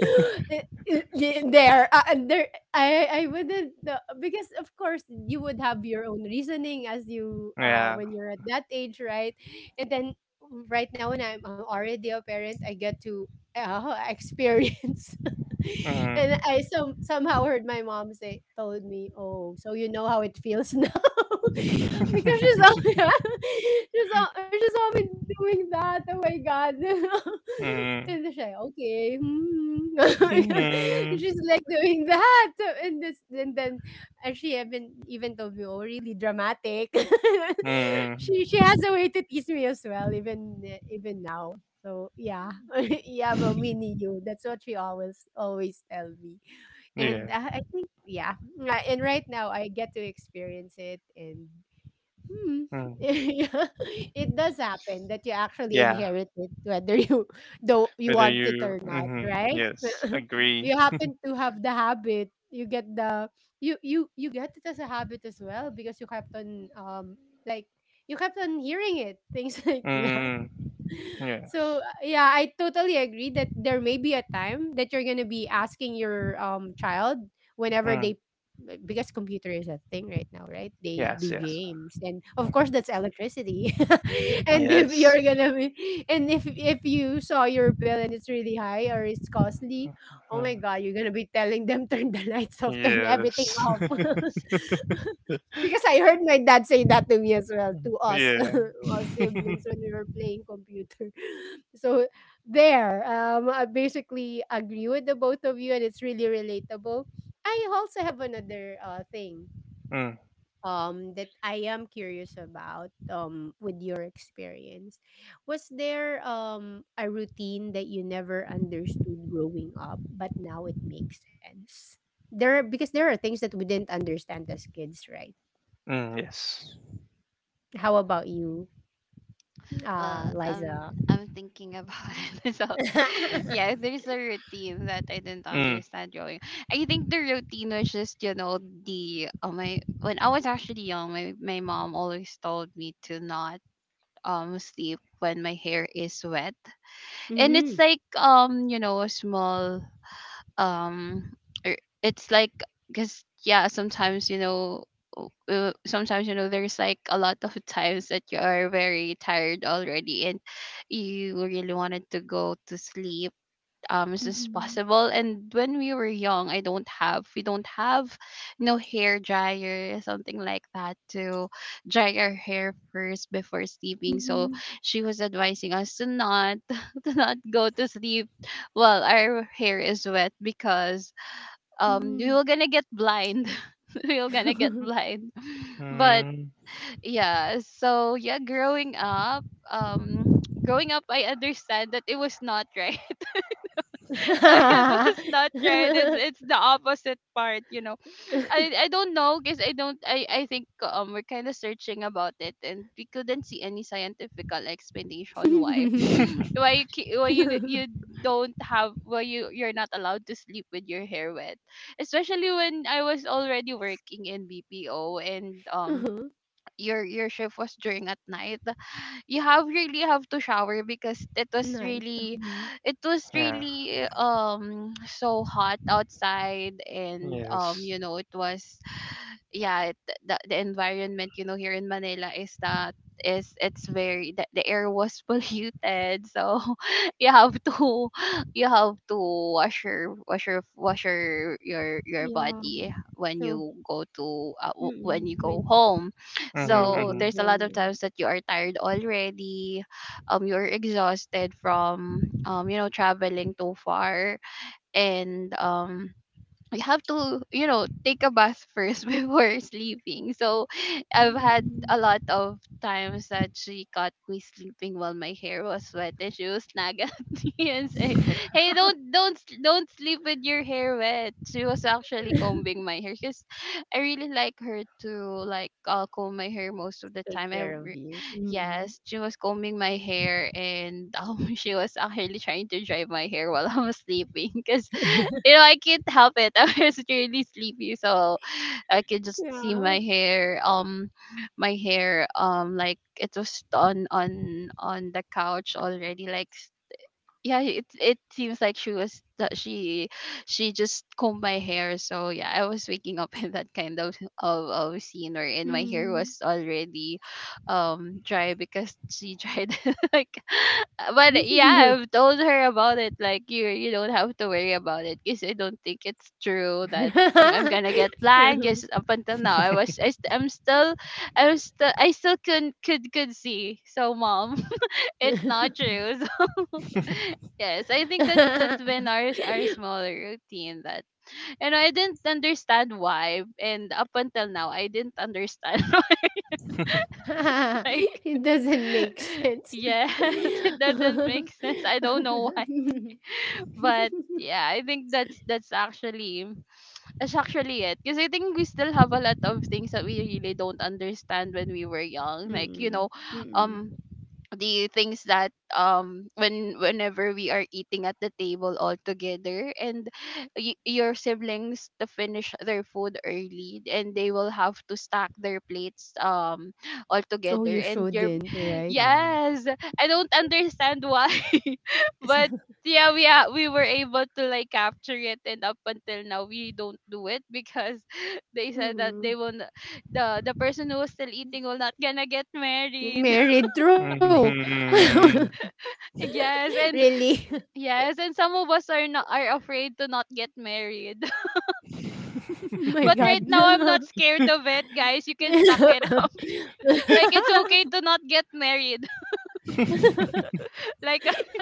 Speaker 1: i- there, and there, I wouldn't because of course you would have your own reasoning as you,
Speaker 3: Yeah.
Speaker 1: when you're at that age, right? And then right now, when I'm already a parent, I get to experience
Speaker 3: Mm-hmm.
Speaker 1: and I, some somehow heard my mom say, told me, "Oh, so you know how it feels now." Because she's all, yeah, she's all, she's always doing that. Oh my god.
Speaker 3: Mm-hmm.
Speaker 1: And she's like, "Okay, hmm." She's like doing that. So, and this and then and she even even told me, "Oh, really dramatic." she
Speaker 3: Mm-hmm.
Speaker 1: she has a way to tease me as well, even even now. So yeah, yeah, but me and you. That's what she always tell me.
Speaker 3: Yeah.
Speaker 1: And uh, I think yeah, and right now I get to experience it, and hmm,
Speaker 3: Mm.
Speaker 1: yeah, it does happen that you actually
Speaker 3: Yeah.
Speaker 1: inherit it, whether you
Speaker 3: Whether
Speaker 1: want it
Speaker 3: you
Speaker 1: or not,
Speaker 3: mm-hmm.
Speaker 1: right?
Speaker 3: Yes, agree.
Speaker 1: You happen to have the habit. You get the you you you get it as a habit as well because you kept on like you kept on hearing it things like that.
Speaker 3: Mm-hmm. Yes.
Speaker 1: So yeah, I totally agree that there may be a time that you're gonna be asking your child whenever
Speaker 3: Mm.
Speaker 1: they because computer is a thing right now, right? They
Speaker 3: Yes,
Speaker 1: do
Speaker 3: yes.
Speaker 1: games, and of course that's electricity. and if
Speaker 3: Yes.
Speaker 1: you're gonna be and if you saw your bill and it's really high or it's costly, oh
Speaker 3: Mm,
Speaker 1: my god, you're gonna be telling them turn the lights off, turn everything
Speaker 3: yes.
Speaker 1: off.
Speaker 2: Yes.
Speaker 1: Because I heard my dad say that to me as well, to us,
Speaker 3: Yeah.
Speaker 1: us siblings, when we were playing computer. So there, I basically agree with the both of you, and it's really relatable. I also have another thing
Speaker 3: Mm,
Speaker 1: that I am curious about with your experience. Was there a routine that you never understood growing up, but now it makes sense? Because there are things that we didn't understand as kids, right?
Speaker 3: mm, yes.
Speaker 2: Mm.
Speaker 1: How about you,
Speaker 2: Well,
Speaker 1: Liza?
Speaker 2: I'm thinking about it. So yeah, there's a routine that I didn't
Speaker 3: Mm.
Speaker 2: understand growing. I think the routine was just, you know, the oh my, when I was actually young, my mom always told me to not sleep when my hair is wet. And it's
Speaker 1: Mhm.
Speaker 2: like, you know, a small um er, it's like, because yeah, sometimes, you know, sometimes, you know, there's like a lot of times that you are very tired already, and you really wanted to go to sleep as soon as
Speaker 1: Mhm.
Speaker 2: possible. And when we were young, I don't have, we don't have no hair dryer, something like that to dry our hair first before sleeping. So
Speaker 1: Mhm.
Speaker 2: she was advising us to not, to not go to sleep while our hair is wet because we were
Speaker 1: Mhm.
Speaker 2: gonna get blind. We were gonna get blind. But
Speaker 3: Mm.
Speaker 2: yeah, so yeah, growing up I understand that it was not right. So yeah, those not right. It's the opposite part, I don't know because I don't I think we're kind of searching about it and we couldn't see any scientifical explanation why, why you don't have why you're not allowed to sleep with your hair wet, especially when I was already working in BPO, and
Speaker 1: Uh-huh.
Speaker 2: your shift was during at night. You have really have to
Speaker 1: Night.
Speaker 2: shower because
Speaker 1: Mhm.
Speaker 2: it was really, it was
Speaker 3: Yeah.
Speaker 2: really so hot outside, and
Speaker 3: Yes.
Speaker 2: you know it was, yeah it, the environment you know here in Manila is that is it's very the air was polluted, so you have to, you have to wash your wash your wash your your,
Speaker 1: Yeah,
Speaker 2: your body
Speaker 1: true.
Speaker 2: when you go to
Speaker 1: Mm-mm.
Speaker 2: when
Speaker 1: When
Speaker 2: you go home.
Speaker 1: when you
Speaker 3: Mm-hmm,
Speaker 1: go
Speaker 2: So
Speaker 1: home,
Speaker 3: mm-hmm.
Speaker 2: there's a
Speaker 1: yeah.
Speaker 2: lot of times that you are tired already, you're exhausted from you know traveling too far, and you have to you know take a bath first before sleeping. So I've had
Speaker 1: Mm-mm.
Speaker 2: a lot of times that she caught me sleeping while my hair was wet, and she would snag at me and say, hey, don't sleep with your hair wet. She was actually combing my hair because I really like her to like comb my hair most of the
Speaker 1: Take
Speaker 2: time I.
Speaker 1: care of you. Mm-mm.
Speaker 2: Yes, she was combing my hair, and she was actually trying to dry my hair while I was sleeping because you know I can't help it. I was really sleepy, so I could just see
Speaker 1: Yeah.
Speaker 2: my hair, like it was on on the couch already, like yeah, it seems like she was that she just combed my hair. So yeah, I was waking up in that kind of scene wherein my hair
Speaker 1: Mm.
Speaker 2: was already dry because she tried like. But yeah, I've told her about it like you don't have to worry about it because I don't think it's true that I'm gonna get blind.
Speaker 1: True.
Speaker 2: Yes, up until now, I'm still, I still could, not could, could see. So, mom, it's not true. So yes, I think that that's when ours our smaller routine that you know I didn't understand why, and up until now I didn't understand why, like.
Speaker 1: It doesn't make sense.
Speaker 2: Yes, it doesn't make sense. I don't know why, but yeah, I think that's actually that's actually it. Because I think we still have a lot of things that we really don't understand when we were young. Like you
Speaker 1: Mm,
Speaker 2: know,
Speaker 1: mm.
Speaker 2: um, the things that when whenever we are eating at the table all together, and your siblings to finish their food early, and they will have to stack their plates all
Speaker 1: Oh,
Speaker 2: together,
Speaker 1: you
Speaker 2: and you're
Speaker 1: shouldn't, right?
Speaker 2: yes I don't understand why, but yeah we are, we were able to like capture it, and up until now we don't do it because they said that they
Speaker 1: Mm.
Speaker 2: will not, the person who was still eating will not gonna get married.
Speaker 1: Married through.
Speaker 2: Yeah.
Speaker 3: Mhm.
Speaker 2: Yes,
Speaker 1: Really?
Speaker 2: yes, and some of us are not, are afraid to not get married.
Speaker 1: My
Speaker 2: But
Speaker 1: God.
Speaker 2: right now I'm
Speaker 1: Yeah,
Speaker 2: not scared of it, guys. You can stuck it up. Like it's okay to not get married. Like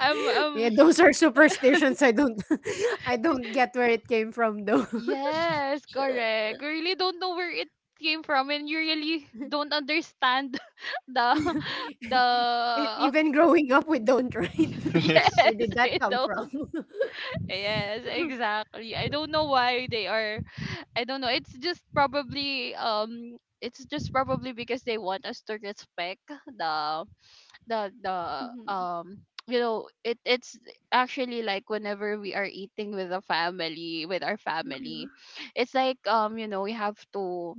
Speaker 2: I'm
Speaker 1: those are superstitions. I don't, I don't get where it came from, though.
Speaker 2: yes, correct. You really don't know where it came from, and you really don't understand the
Speaker 1: E-
Speaker 2: the
Speaker 1: Even growing up, we don't, right?
Speaker 3: Yes.
Speaker 2: yes,
Speaker 1: Where did that
Speaker 2: I
Speaker 1: come from?
Speaker 2: don't. Yes, exactly. I don't know why they are, I don't know. It's just probably because they want us to respect the the
Speaker 1: Hmm.
Speaker 2: you know it it's actually like whenever we are eating with the family with our
Speaker 1: Hmm.
Speaker 2: family, it's like you know we have to,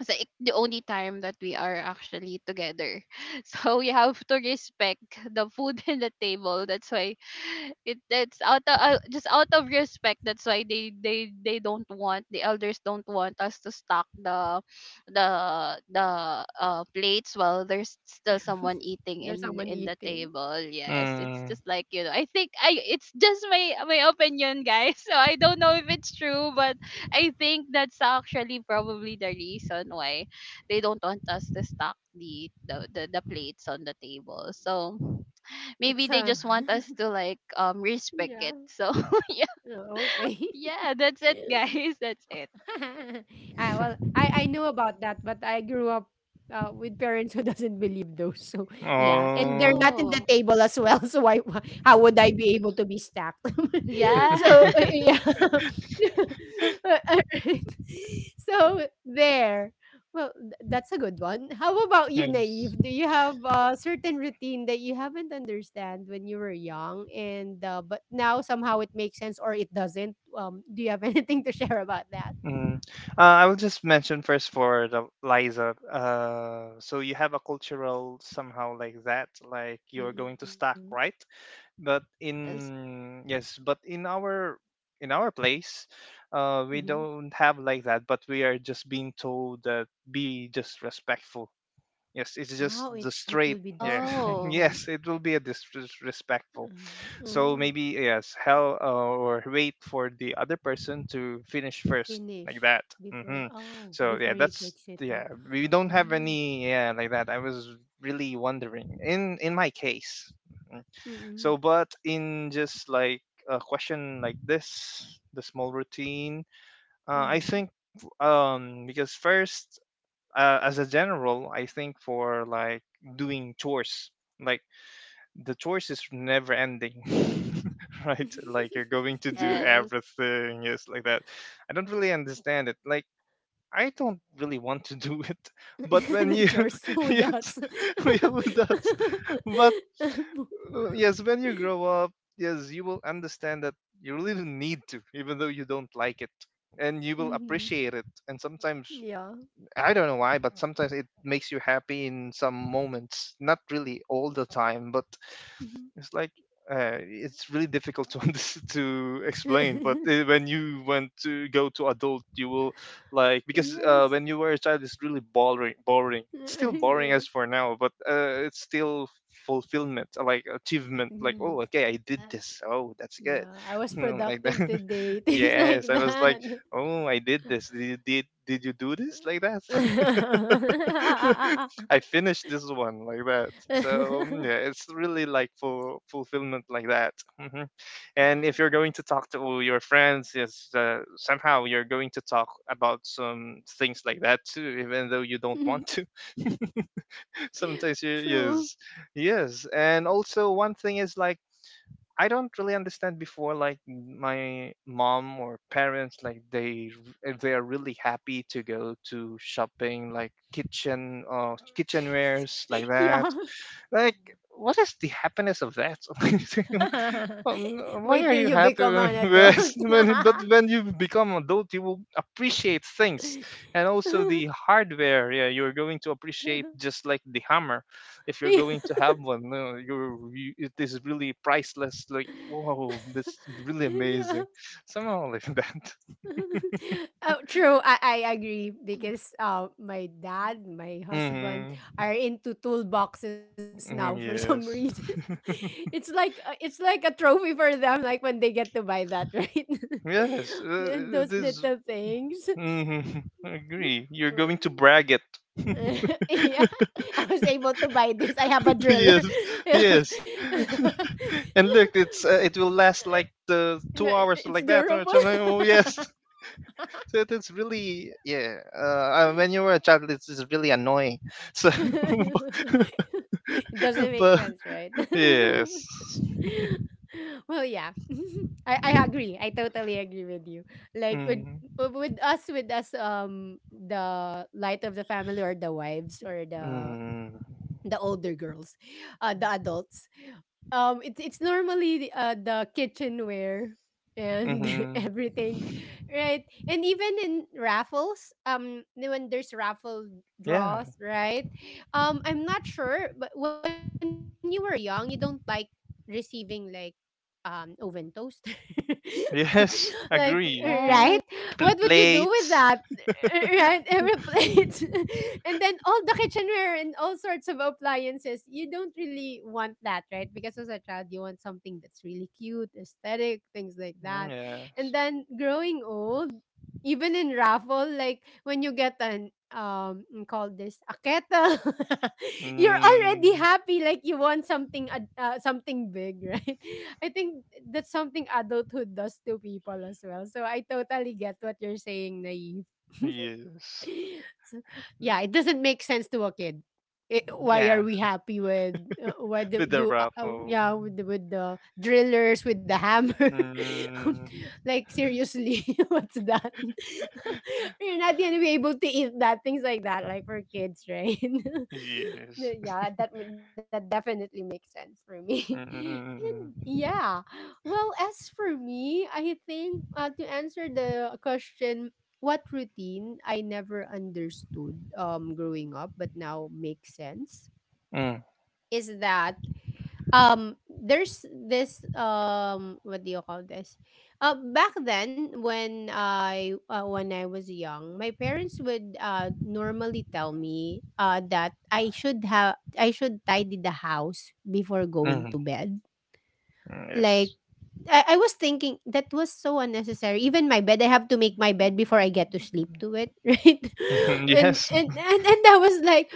Speaker 2: it's like the only time that we are actually together. So we have to respect the food in the table. That's why it, that's out of, just out of respect. That's why they don't want, the elders don't want us to stock the plates while there's still someone eating
Speaker 1: There's someone
Speaker 2: in the
Speaker 1: eating.
Speaker 2: table. Yes, it's
Speaker 3: Mm.
Speaker 2: just like you know. I think I it's just my my opinion, guys. So I don't know if it's true, but. I think that's actually probably the reason why they don't want us to stock the plates on the table. So maybe
Speaker 1: It's
Speaker 2: they
Speaker 1: a
Speaker 2: just want us to like respect
Speaker 1: yeah.
Speaker 2: it. So yeah,
Speaker 1: Oh, okay.
Speaker 2: yeah, that's it guys. That's it.
Speaker 1: Ah, well, I know about that, but I grew up with parents who doesn't believe those. So yeah, and they're
Speaker 3: Oh.
Speaker 1: not in the
Speaker 2: Oh
Speaker 1: table as well. So why, how would I be able to be stacked?
Speaker 2: yes.
Speaker 1: So yeah, uh, alright. So there. Well, that's a good one. How about you,
Speaker 3: Yes.
Speaker 1: Naive? Do you have a certain routine that you haven't understand when you were young, and but now somehow it makes sense or it doesn't? Do you have anything to share about that?
Speaker 3: Mm. I will just mention first for the Liza. So you have a cultural somehow like that, like you're going
Speaker 1: Mm,
Speaker 3: to stack, right? But
Speaker 2: Yes.
Speaker 3: in yes, but in our in our place,
Speaker 1: mhm.
Speaker 3: we don't have like that. But we are just being told that be just respectful. Yes, it's just
Speaker 1: Oh, it
Speaker 3: the
Speaker 1: it will
Speaker 3: straight.
Speaker 1: be
Speaker 3: Yeah,
Speaker 2: Oh
Speaker 1: disrespectful.
Speaker 3: yes, it will be a disrespectful.
Speaker 1: Mm,
Speaker 3: So
Speaker 1: mm.
Speaker 3: maybe yes, hell or wait for the other person to finish first, like
Speaker 1: Finish
Speaker 3: that.
Speaker 1: before
Speaker 3: Hmm.
Speaker 1: oh,
Speaker 3: So yeah,
Speaker 1: before you
Speaker 3: that's
Speaker 1: fix it up.
Speaker 3: yeah. We don't have
Speaker 1: Mm,
Speaker 3: any yeah like that. I was really wondering in my case. Mhm.
Speaker 1: mm,
Speaker 3: So but in just like a question like this, the small routine. I
Speaker 1: mm.
Speaker 3: think because first as a general, I think for like doing chores, like the choice is never ending, right, like you're going to do
Speaker 1: Yeah.
Speaker 2: yes.
Speaker 3: everything, yes, like that. I don't really understand it, like I don't really want to do it, but when
Speaker 1: The
Speaker 3: you
Speaker 1: chores, who
Speaker 3: yes
Speaker 1: does?
Speaker 3: we have does, but yes, when you grow up, yes, you will understand that you really don't need to, even though you don't like it, and you will
Speaker 1: Mm-hmm.
Speaker 3: appreciate it, and sometimes
Speaker 1: Yeah.
Speaker 3: I don't know why, but sometimes it makes you happy in some moments, not really all the time, but
Speaker 1: Mhm.
Speaker 3: it's like it's really difficult to to explain. But when you went to go to adult, you will like because
Speaker 1: Yes.
Speaker 3: when you were a child, it's really boring. Boring. It's still boring as
Speaker 1: Yes.
Speaker 3: for now, but it's still fulfillment, like achievement. Like oh,
Speaker 1: Yes.
Speaker 3: okay, I did
Speaker 2: Yes.
Speaker 3: this. Oh, that's good.
Speaker 1: Yeah, I was
Speaker 3: You know, like
Speaker 1: productive
Speaker 3: that.
Speaker 1: today. Things like
Speaker 3: Yes, I was like,
Speaker 1: that.
Speaker 3: oh, I did this. Did you do this like that? I finished this one, like that. So yeah, it's really like full fulfillment like that. Hmm. And if you're going to talk to your friends, yes, somehow you're going to talk about some things like that too, even though you don't want to. Sometimes you
Speaker 1: True.
Speaker 3: yes, yes. And also one thing is like I don't really understand before, like my mom or parents, like they if they are really happy to go to shopping, like kitchen kitchenwares, like that.
Speaker 1: Yeah.
Speaker 3: Like what is the happiness of that? Why
Speaker 1: Wait
Speaker 3: are
Speaker 1: till
Speaker 3: you
Speaker 1: you
Speaker 3: happy
Speaker 1: become an
Speaker 3: yes,
Speaker 1: adult.
Speaker 3: when, but when you become adult you will appreciate things. And also the hardware, yeah, you're going to appreciate, just like the hammer. If you're
Speaker 1: Yeah.
Speaker 3: going to have one, no, you're you, it is really priceless, like whoa, that's really amazing
Speaker 1: Yeah.
Speaker 3: somehow, like that.
Speaker 1: Oh, true. I agree because my dad, my husband
Speaker 3: Hmm.
Speaker 1: are into toolboxes now for some reason.
Speaker 3: Yes.
Speaker 1: It's like a trophy for them, like when they get to buy that, right?
Speaker 3: Yes,
Speaker 1: Those little things.
Speaker 3: mhm. I agree, you're going to brag it.
Speaker 1: Yeah, I was able to buy this. I have a driller.
Speaker 3: Yes,
Speaker 1: Yeah.
Speaker 3: yes. And look, it's it will last like the
Speaker 1: No,
Speaker 3: 2 hours
Speaker 1: it's
Speaker 3: like that or
Speaker 1: durable.
Speaker 3: something. Oh yes, so it is really yeah. When you were a child, it's really annoying. So,
Speaker 1: It doesn't make
Speaker 3: but
Speaker 1: sense, right?
Speaker 3: yes.
Speaker 1: Well, yeah, I agree. I totally agree with you. Like with
Speaker 3: Mm,
Speaker 1: with us, with us, the light of the family or the wives or the
Speaker 3: mm,
Speaker 1: the older girls, the adults. It's normally the kitchenware and
Speaker 3: mm-hmm.
Speaker 1: everything, right? And even in raffles, when there's raffle
Speaker 3: Yeah.
Speaker 1: draws, right? I'm not sure, but when you were young, you don't like receiving like oven toaster, like
Speaker 3: Yes. Agree.
Speaker 1: right?
Speaker 3: Yeah.
Speaker 2: Yes.
Speaker 1: What would you do with that?
Speaker 3: Plates.
Speaker 1: Right, every plate, and then all the kitchenware and all sorts of appliances you don't really want that, right? Because as a child you want something that's really cute, aesthetic, things like that.
Speaker 3: Mm,
Speaker 1: And
Speaker 3: yes.
Speaker 1: then growing old, even in raffle, like when you get an called this a kettle, you're already
Speaker 3: Mm,
Speaker 1: happy, like you want something something big, right? I think that's something adulthood does to people as well, so I totally get what you're saying, Naive.
Speaker 3: yes.
Speaker 1: So, yeah, it doesn't make sense to a kid. Eh, why
Speaker 3: Yeah.
Speaker 1: are we happy with why do,
Speaker 3: With the
Speaker 1: do
Speaker 3: raffle.
Speaker 1: yeah, with the drillers, with the hammer? Um,
Speaker 3: Mm,
Speaker 1: like seriously, what's that? You're not gonna be able to eat that things like that, like for kids, right?
Speaker 3: yes.
Speaker 1: Yeah, that definitely makes sense for me. And
Speaker 3: Mm-mm-mm.
Speaker 1: yeah, well, as for me, I think to answer the question, what routine I never understood growing up but now makes sense
Speaker 3: Mm,
Speaker 1: is that there's this what do you call this? Back then when I was young, my parents would normally tell me that I should tidy the house before going
Speaker 3: mm,
Speaker 1: to bed, like,
Speaker 3: yes.
Speaker 1: I was thinking that was so unnecessary. Even my bed, I have to make my bed before I get to sleep to it, right? And
Speaker 3: Yes.
Speaker 1: and and, and I was like,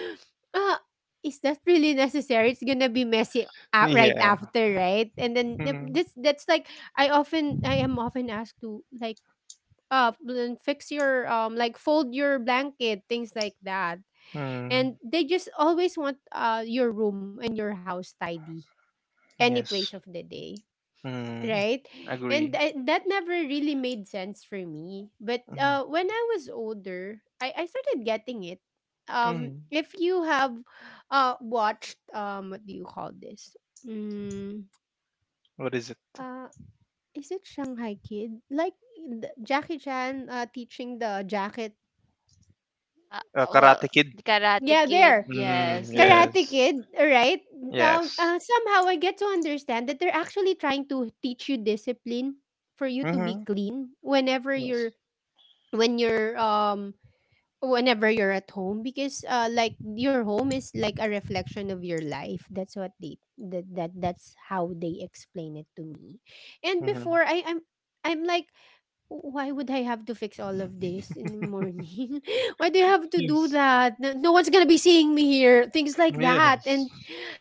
Speaker 1: uh, is that really necessary? It's gonna be messy right
Speaker 3: Yeah.
Speaker 1: after, right? And then th-
Speaker 3: Mm,
Speaker 1: this that's like I am often asked to like then fix your like fold your blanket, things like that.
Speaker 3: mm,
Speaker 1: And they just always want your room and your house tidy any place
Speaker 3: yes.
Speaker 1: of the day,
Speaker 3: Mm,
Speaker 1: right? And
Speaker 3: agree.
Speaker 1: I, that never really made sense for me. But
Speaker 3: Mm,
Speaker 1: when I was older, I started getting it.
Speaker 3: mm.
Speaker 1: If you have watched, what do you call this? Mm,
Speaker 3: What is it?
Speaker 1: uh, is it Shanghai Kid? Like Jackie Chan teaching the jacket.
Speaker 2: Uh, well
Speaker 3: Karate Kid.
Speaker 2: the Karate
Speaker 1: Yeah,
Speaker 2: Kid,
Speaker 1: there.
Speaker 3: Mm,
Speaker 2: yes.
Speaker 1: Karate
Speaker 3: yes.
Speaker 1: Kid, right? Now,
Speaker 3: Yes.
Speaker 1: somehow I get to understand that they're actually trying to teach you discipline for you to be
Speaker 3: Mm-hmm.
Speaker 1: clean whenever
Speaker 3: Yes.
Speaker 1: you're when you're whenever you're at home, because like your home is like a reflection of your life. That's what they, that's how they explain it to me. And
Speaker 3: Mm-hmm.
Speaker 1: before I'm like, why would I have to fix all of this in the morning? Why do you have to do
Speaker 3: Yes.
Speaker 1: that? No, no one's gonna be seeing me here, things like that.
Speaker 3: Yes.
Speaker 1: And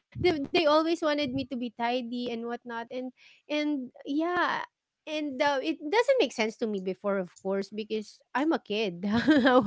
Speaker 1: they always wanted me to be tidy and whatnot, and yeah, and it doesn't make sense to me before, of course, because I'm a kid. how,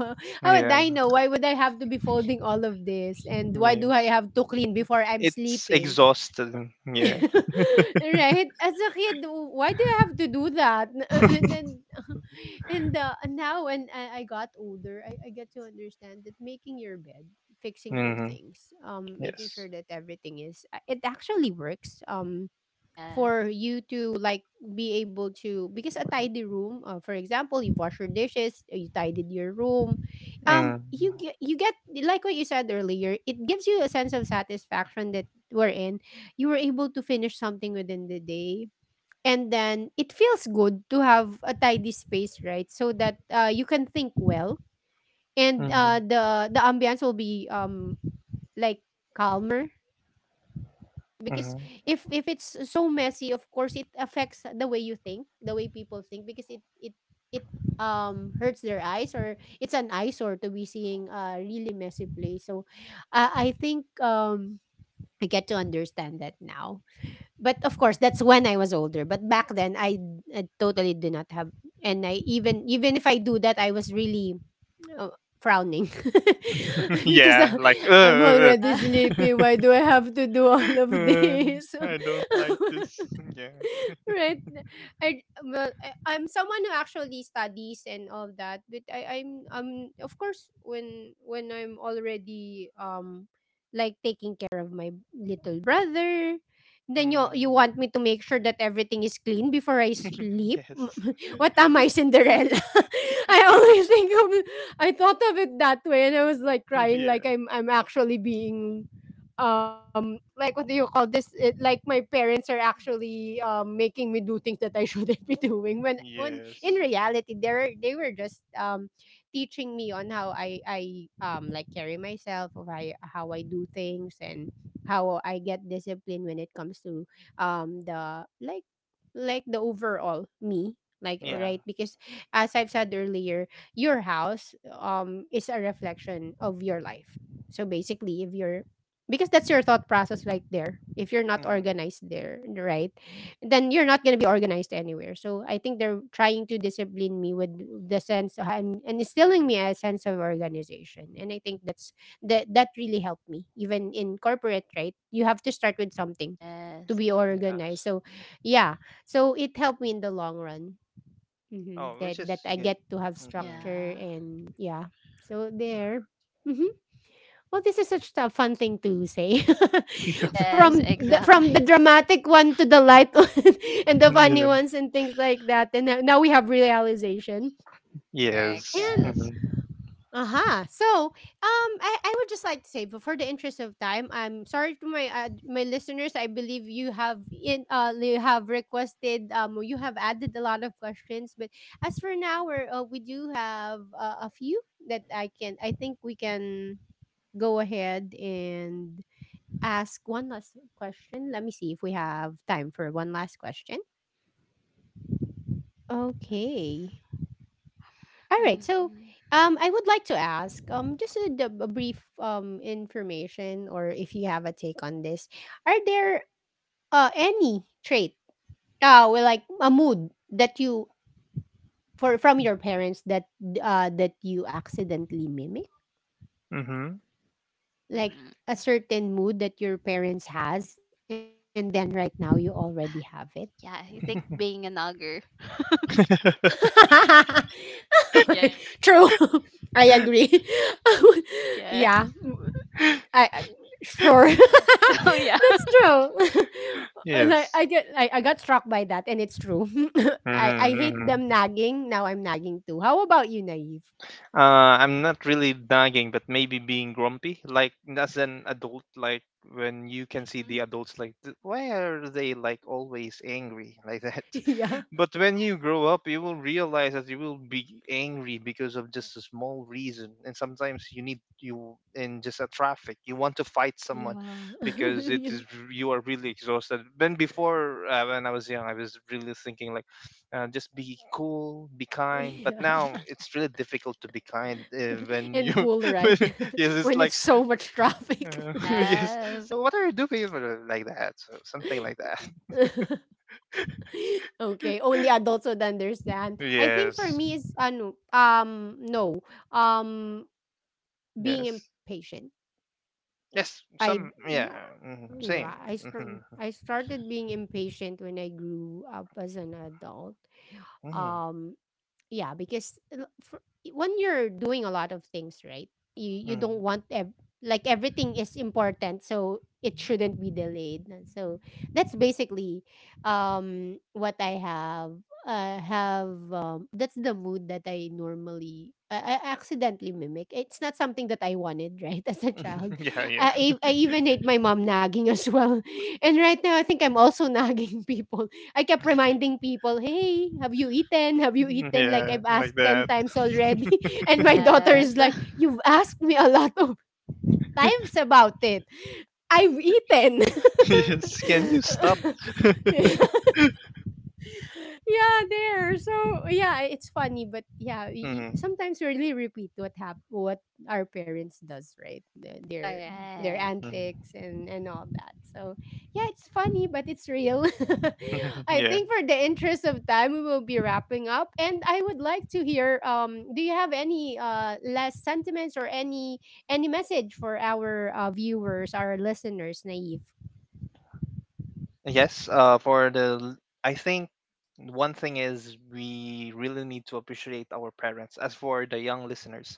Speaker 1: how would
Speaker 3: Yeah.
Speaker 1: I know? Why would I have to be folding all of this, and why do I
Speaker 3: Yes.
Speaker 1: have to clean before I'm
Speaker 3: It's
Speaker 1: sleeping?
Speaker 3: exhausting. Yeah.
Speaker 1: Right? As a kid, why do I have to do that? And then, and now when I got older, I get to understand that making your bed, fixing your
Speaker 3: Mm-hmm.
Speaker 1: things, making
Speaker 3: Yes.
Speaker 1: sure that everything is, it actually works. For
Speaker 2: Yes.
Speaker 1: you to like be able to, because a tidy room, for example, you wash your dishes, you tidied your room,
Speaker 3: Mm,
Speaker 1: you get like what you said earlier, it gives you a sense of satisfaction that we're in you were able to finish something within the day. And then it feels good to have a tidy space, right? So that you can think well, and
Speaker 3: mm-hmm.
Speaker 1: the ambience will be like calmer, because
Speaker 3: Mm-hmm.
Speaker 1: if it's so messy, of course it affects the way you think, the way people think, because it hurts their eyes, or it's an eyesore to be seeing a really messy place. So I think I get to understand that now, but of course that's when I was older. But back then, I totally did not have, and I even even if I do that, I was really, oh, frowning because
Speaker 3: Yeah, like
Speaker 1: I'm already
Speaker 2: Uh,
Speaker 1: sleepy. Why do I have to do all of
Speaker 3: uh,
Speaker 1: this?
Speaker 3: I don't like this. Yeah.
Speaker 1: Right. I, well, I I'm someone who actually studies and all that, but I'm of course when I'm already like taking care of my little brother, then you
Speaker 3: Mm.
Speaker 1: want me to make sure that everything is clean before I sleep.
Speaker 3: Yes.
Speaker 1: What am I, Cinderella? i always think of it- I thought of it that way, and I was like crying, like
Speaker 3: Yeah.
Speaker 1: I'm actually being, um like what do you call this it, like my parents are actually making me do things that I shouldn't be doing, when in
Speaker 3: Yes.
Speaker 1: reality they were just teaching me on how I like carry myself, or how I do things, and how I get discipline when it comes to the like the overall me. Like
Speaker 3: Yeah.
Speaker 1: right, because as I've said earlier, your house is a reflection of your life. So basically, if you're, because that's your thought process right there, if you're not
Speaker 3: Mm.
Speaker 1: organized there, right, then you're not going to be organized anywhere. So I think they're trying to discipline me with the sense of, and instilling me a sense of organization, and I think that's that really helped me even in corporate. Right, you have to start with something to
Speaker 2: yes.
Speaker 1: be organized.
Speaker 3: Yes.
Speaker 1: So yeah, so it helped me in the long run. Hmm,
Speaker 3: Oh,
Speaker 1: that
Speaker 3: which
Speaker 1: that
Speaker 3: is
Speaker 1: I
Speaker 3: good.
Speaker 1: get to have
Speaker 3: Mm-hmm.
Speaker 1: structure.
Speaker 2: Yeah.
Speaker 1: And yeah, so there. Mm-hmm. Well, this is such a fun thing to say.
Speaker 2: Yes,
Speaker 1: From the, from the
Speaker 2: exactly.
Speaker 1: dramatic one to the light one and the
Speaker 3: Mm-hmm,
Speaker 1: funny
Speaker 3: yeah.
Speaker 1: ones and things like that. And now we have realization.
Speaker 2: Correct.
Speaker 3: Yes.
Speaker 1: And
Speaker 2: Yes.
Speaker 1: aha. So, I would just like to say, but for the interest of time, I'm sorry to my my listeners. I believe you have in you have requested, you have added a lot of questions, but as for now, we're, we do have a few that I think we can go ahead and ask one last question. Let me see if we have time for one last question.
Speaker 2: Yes.
Speaker 1: Okay. All right. So,
Speaker 2: Mm-hmm.
Speaker 1: I would like to ask, just a, a brief information, or if you have a take on this, are there any trait, well, like a mood that you for from your parents that that you accidentally mimic,
Speaker 3: Mm-hmm.
Speaker 1: like a
Speaker 2: Mm-hmm.
Speaker 1: certain mood that your parents has, and then right now you already have it.
Speaker 2: Yeah, I think being an ogre. Yeah.
Speaker 1: True. I agree.
Speaker 2: Yeah.
Speaker 1: Yeah. I, I- sure. That's
Speaker 2: Oh yeah.
Speaker 1: true. Like
Speaker 3: Yes.
Speaker 1: I got struck by that and it's true. I
Speaker 2: Yeah.
Speaker 3: Mm-hmm.
Speaker 1: hate them
Speaker 3: Mm-hmm.
Speaker 1: nagging. Now I'm nagging too. How about you, Naive?
Speaker 3: Uh, I'm not really nagging, but maybe being grumpy, like as an adult, like when you can see the
Speaker 2: Mhm.
Speaker 3: adults, like, "Th- why are they like always angry like that?"
Speaker 1: Yeah.
Speaker 3: But when you grow up, you will realize that you will be angry because of just a small reason, and sometimes you need you in just a traffic, you want to fight someone
Speaker 1: Yeah.
Speaker 3: because it
Speaker 1: Yeah.
Speaker 3: is you are really exhausted. When before when I was young, I was really thinking like just be cool, be kind. But
Speaker 1: Yeah.
Speaker 3: now it's really difficult to be kind when you,
Speaker 1: And cool, right?
Speaker 3: when, yes, it's
Speaker 1: When
Speaker 3: like,
Speaker 1: it's so much traffic.
Speaker 3: yes,
Speaker 2: Yes.
Speaker 3: "Well, what are you doing like that?" So something like that.
Speaker 1: Okay, only adults would understand. I think for
Speaker 3: Yes,
Speaker 1: me is ano, no. Um being
Speaker 3: yes,
Speaker 1: impatient.
Speaker 3: yes.
Speaker 1: I
Speaker 3: Some, yeah,
Speaker 1: yeah,
Speaker 2: Mm.
Speaker 3: same. Hmm.
Speaker 1: I started being impatient when I grew up as an adult.
Speaker 3: Hmm.
Speaker 1: Um yeah, because when you're doing a lot of things, right? You
Speaker 3: Hmm.
Speaker 1: don't want like everything is important, so it shouldn't be delayed. And so that's basically what I have. I have that's the mood that I normally I accidentally mimic. It's not something that I wanted, right? As a child,
Speaker 3: Yeah, yeah,
Speaker 1: I even hate my mom nagging as well. And right now, I think I'm also nagging people. I kept reminding people, "Hey, have you eaten? Have you eaten?" Like
Speaker 3: yeah,
Speaker 1: I've
Speaker 3: like
Speaker 1: asked 10
Speaker 3: that.
Speaker 1: times already. And my daughter
Speaker 2: Yes.
Speaker 1: is like, "You've asked me a lot of times about it. I've eaten."
Speaker 3: Yes. Can you stop?
Speaker 1: Yeah, there. So yeah, it's funny, but yeah,
Speaker 3: Hmm.
Speaker 1: sometimes really repeat what our parents does, right? Their
Speaker 2: Correct.
Speaker 3: Hmm.
Speaker 1: antics and all that. So yeah, it's funny, but it's real. I
Speaker 3: Yeah.
Speaker 1: think for the interest of time, we will be wrapping up, and I would like to hear. Do you have any last sentiments or any message for our viewers, our listeners, Naive?
Speaker 3: Yes, I think one thing is we really need to appreciate our parents. As for the young listeners,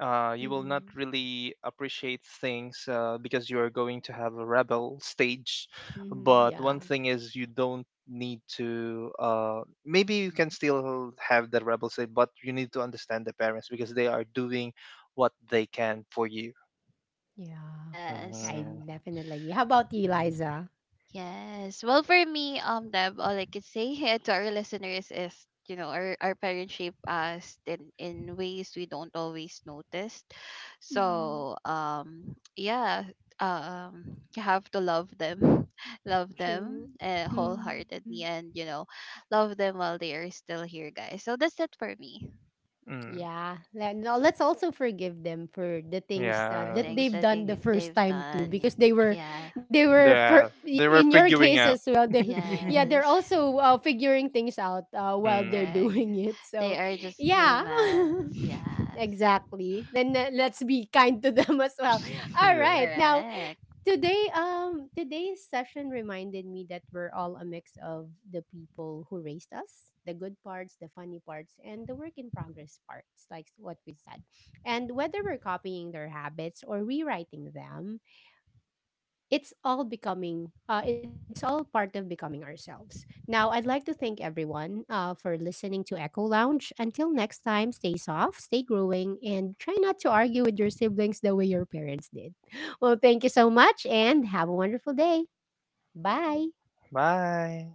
Speaker 3: you will not
Speaker 1: Mm-hmm.
Speaker 3: really appreciate things because you are going to have a rebel stage.
Speaker 1: Mm-hmm.
Speaker 3: But one
Speaker 1: Yeah.
Speaker 3: thing is you don't need to, maybe you can still have the rebel stage, but you need to understand the parents because they are doing what they can for you.
Speaker 1: Yeah,
Speaker 2: Yes.
Speaker 1: I
Speaker 3: Mm,
Speaker 1: definitely. How about you, Liza?
Speaker 2: Yes. Well, for me, Deb, all I could say here to our listeners is, you know, our parents shape us in ways we don't always notice.
Speaker 1: Mm-hmm.
Speaker 2: So, yeah, um, you have to love them, love them
Speaker 1: True.
Speaker 3: mm,
Speaker 1: Mhm.
Speaker 2: wholeheartedly, and you know, love them while they are still here, guys. So that's it for me.
Speaker 3: mm,
Speaker 1: Yeah. No, let's also forgive them for the things
Speaker 2: Give
Speaker 1: that, that
Speaker 2: things
Speaker 3: yes.
Speaker 2: I
Speaker 1: they've done the
Speaker 2: think they've
Speaker 1: first time too,
Speaker 2: done.
Speaker 1: because
Speaker 2: Yeah.
Speaker 1: they were for
Speaker 3: Yeah, they were
Speaker 1: in your
Speaker 3: figuring
Speaker 1: case
Speaker 3: out.
Speaker 1: as well. They, yeah, they're
Speaker 2: Yes.
Speaker 1: also figuring things out while they're
Speaker 3: Hmm.
Speaker 2: Correct.
Speaker 1: doing it.
Speaker 2: They
Speaker 1: So,
Speaker 2: are just
Speaker 1: yeah.
Speaker 2: humans. Yes.
Speaker 1: Exactly. Then let's be kind to them as well. All
Speaker 3: Yeah.
Speaker 1: right. Now,
Speaker 2: Correct.
Speaker 1: today's session reminded me that we're all a mix of the people who raised us, the good parts, the funny parts, and the work in progress parts, like what we said. And whether we're copying their habits or rewriting them, it's all becoming it's all part of becoming ourselves. Now I'd like to thank everyone for listening to Echo Lounge. Until next time, stay soft, stay growing, and try not to argue with your siblings the way your parents did. Well, thank you so much, and have a wonderful day. Bye.
Speaker 3: Bye.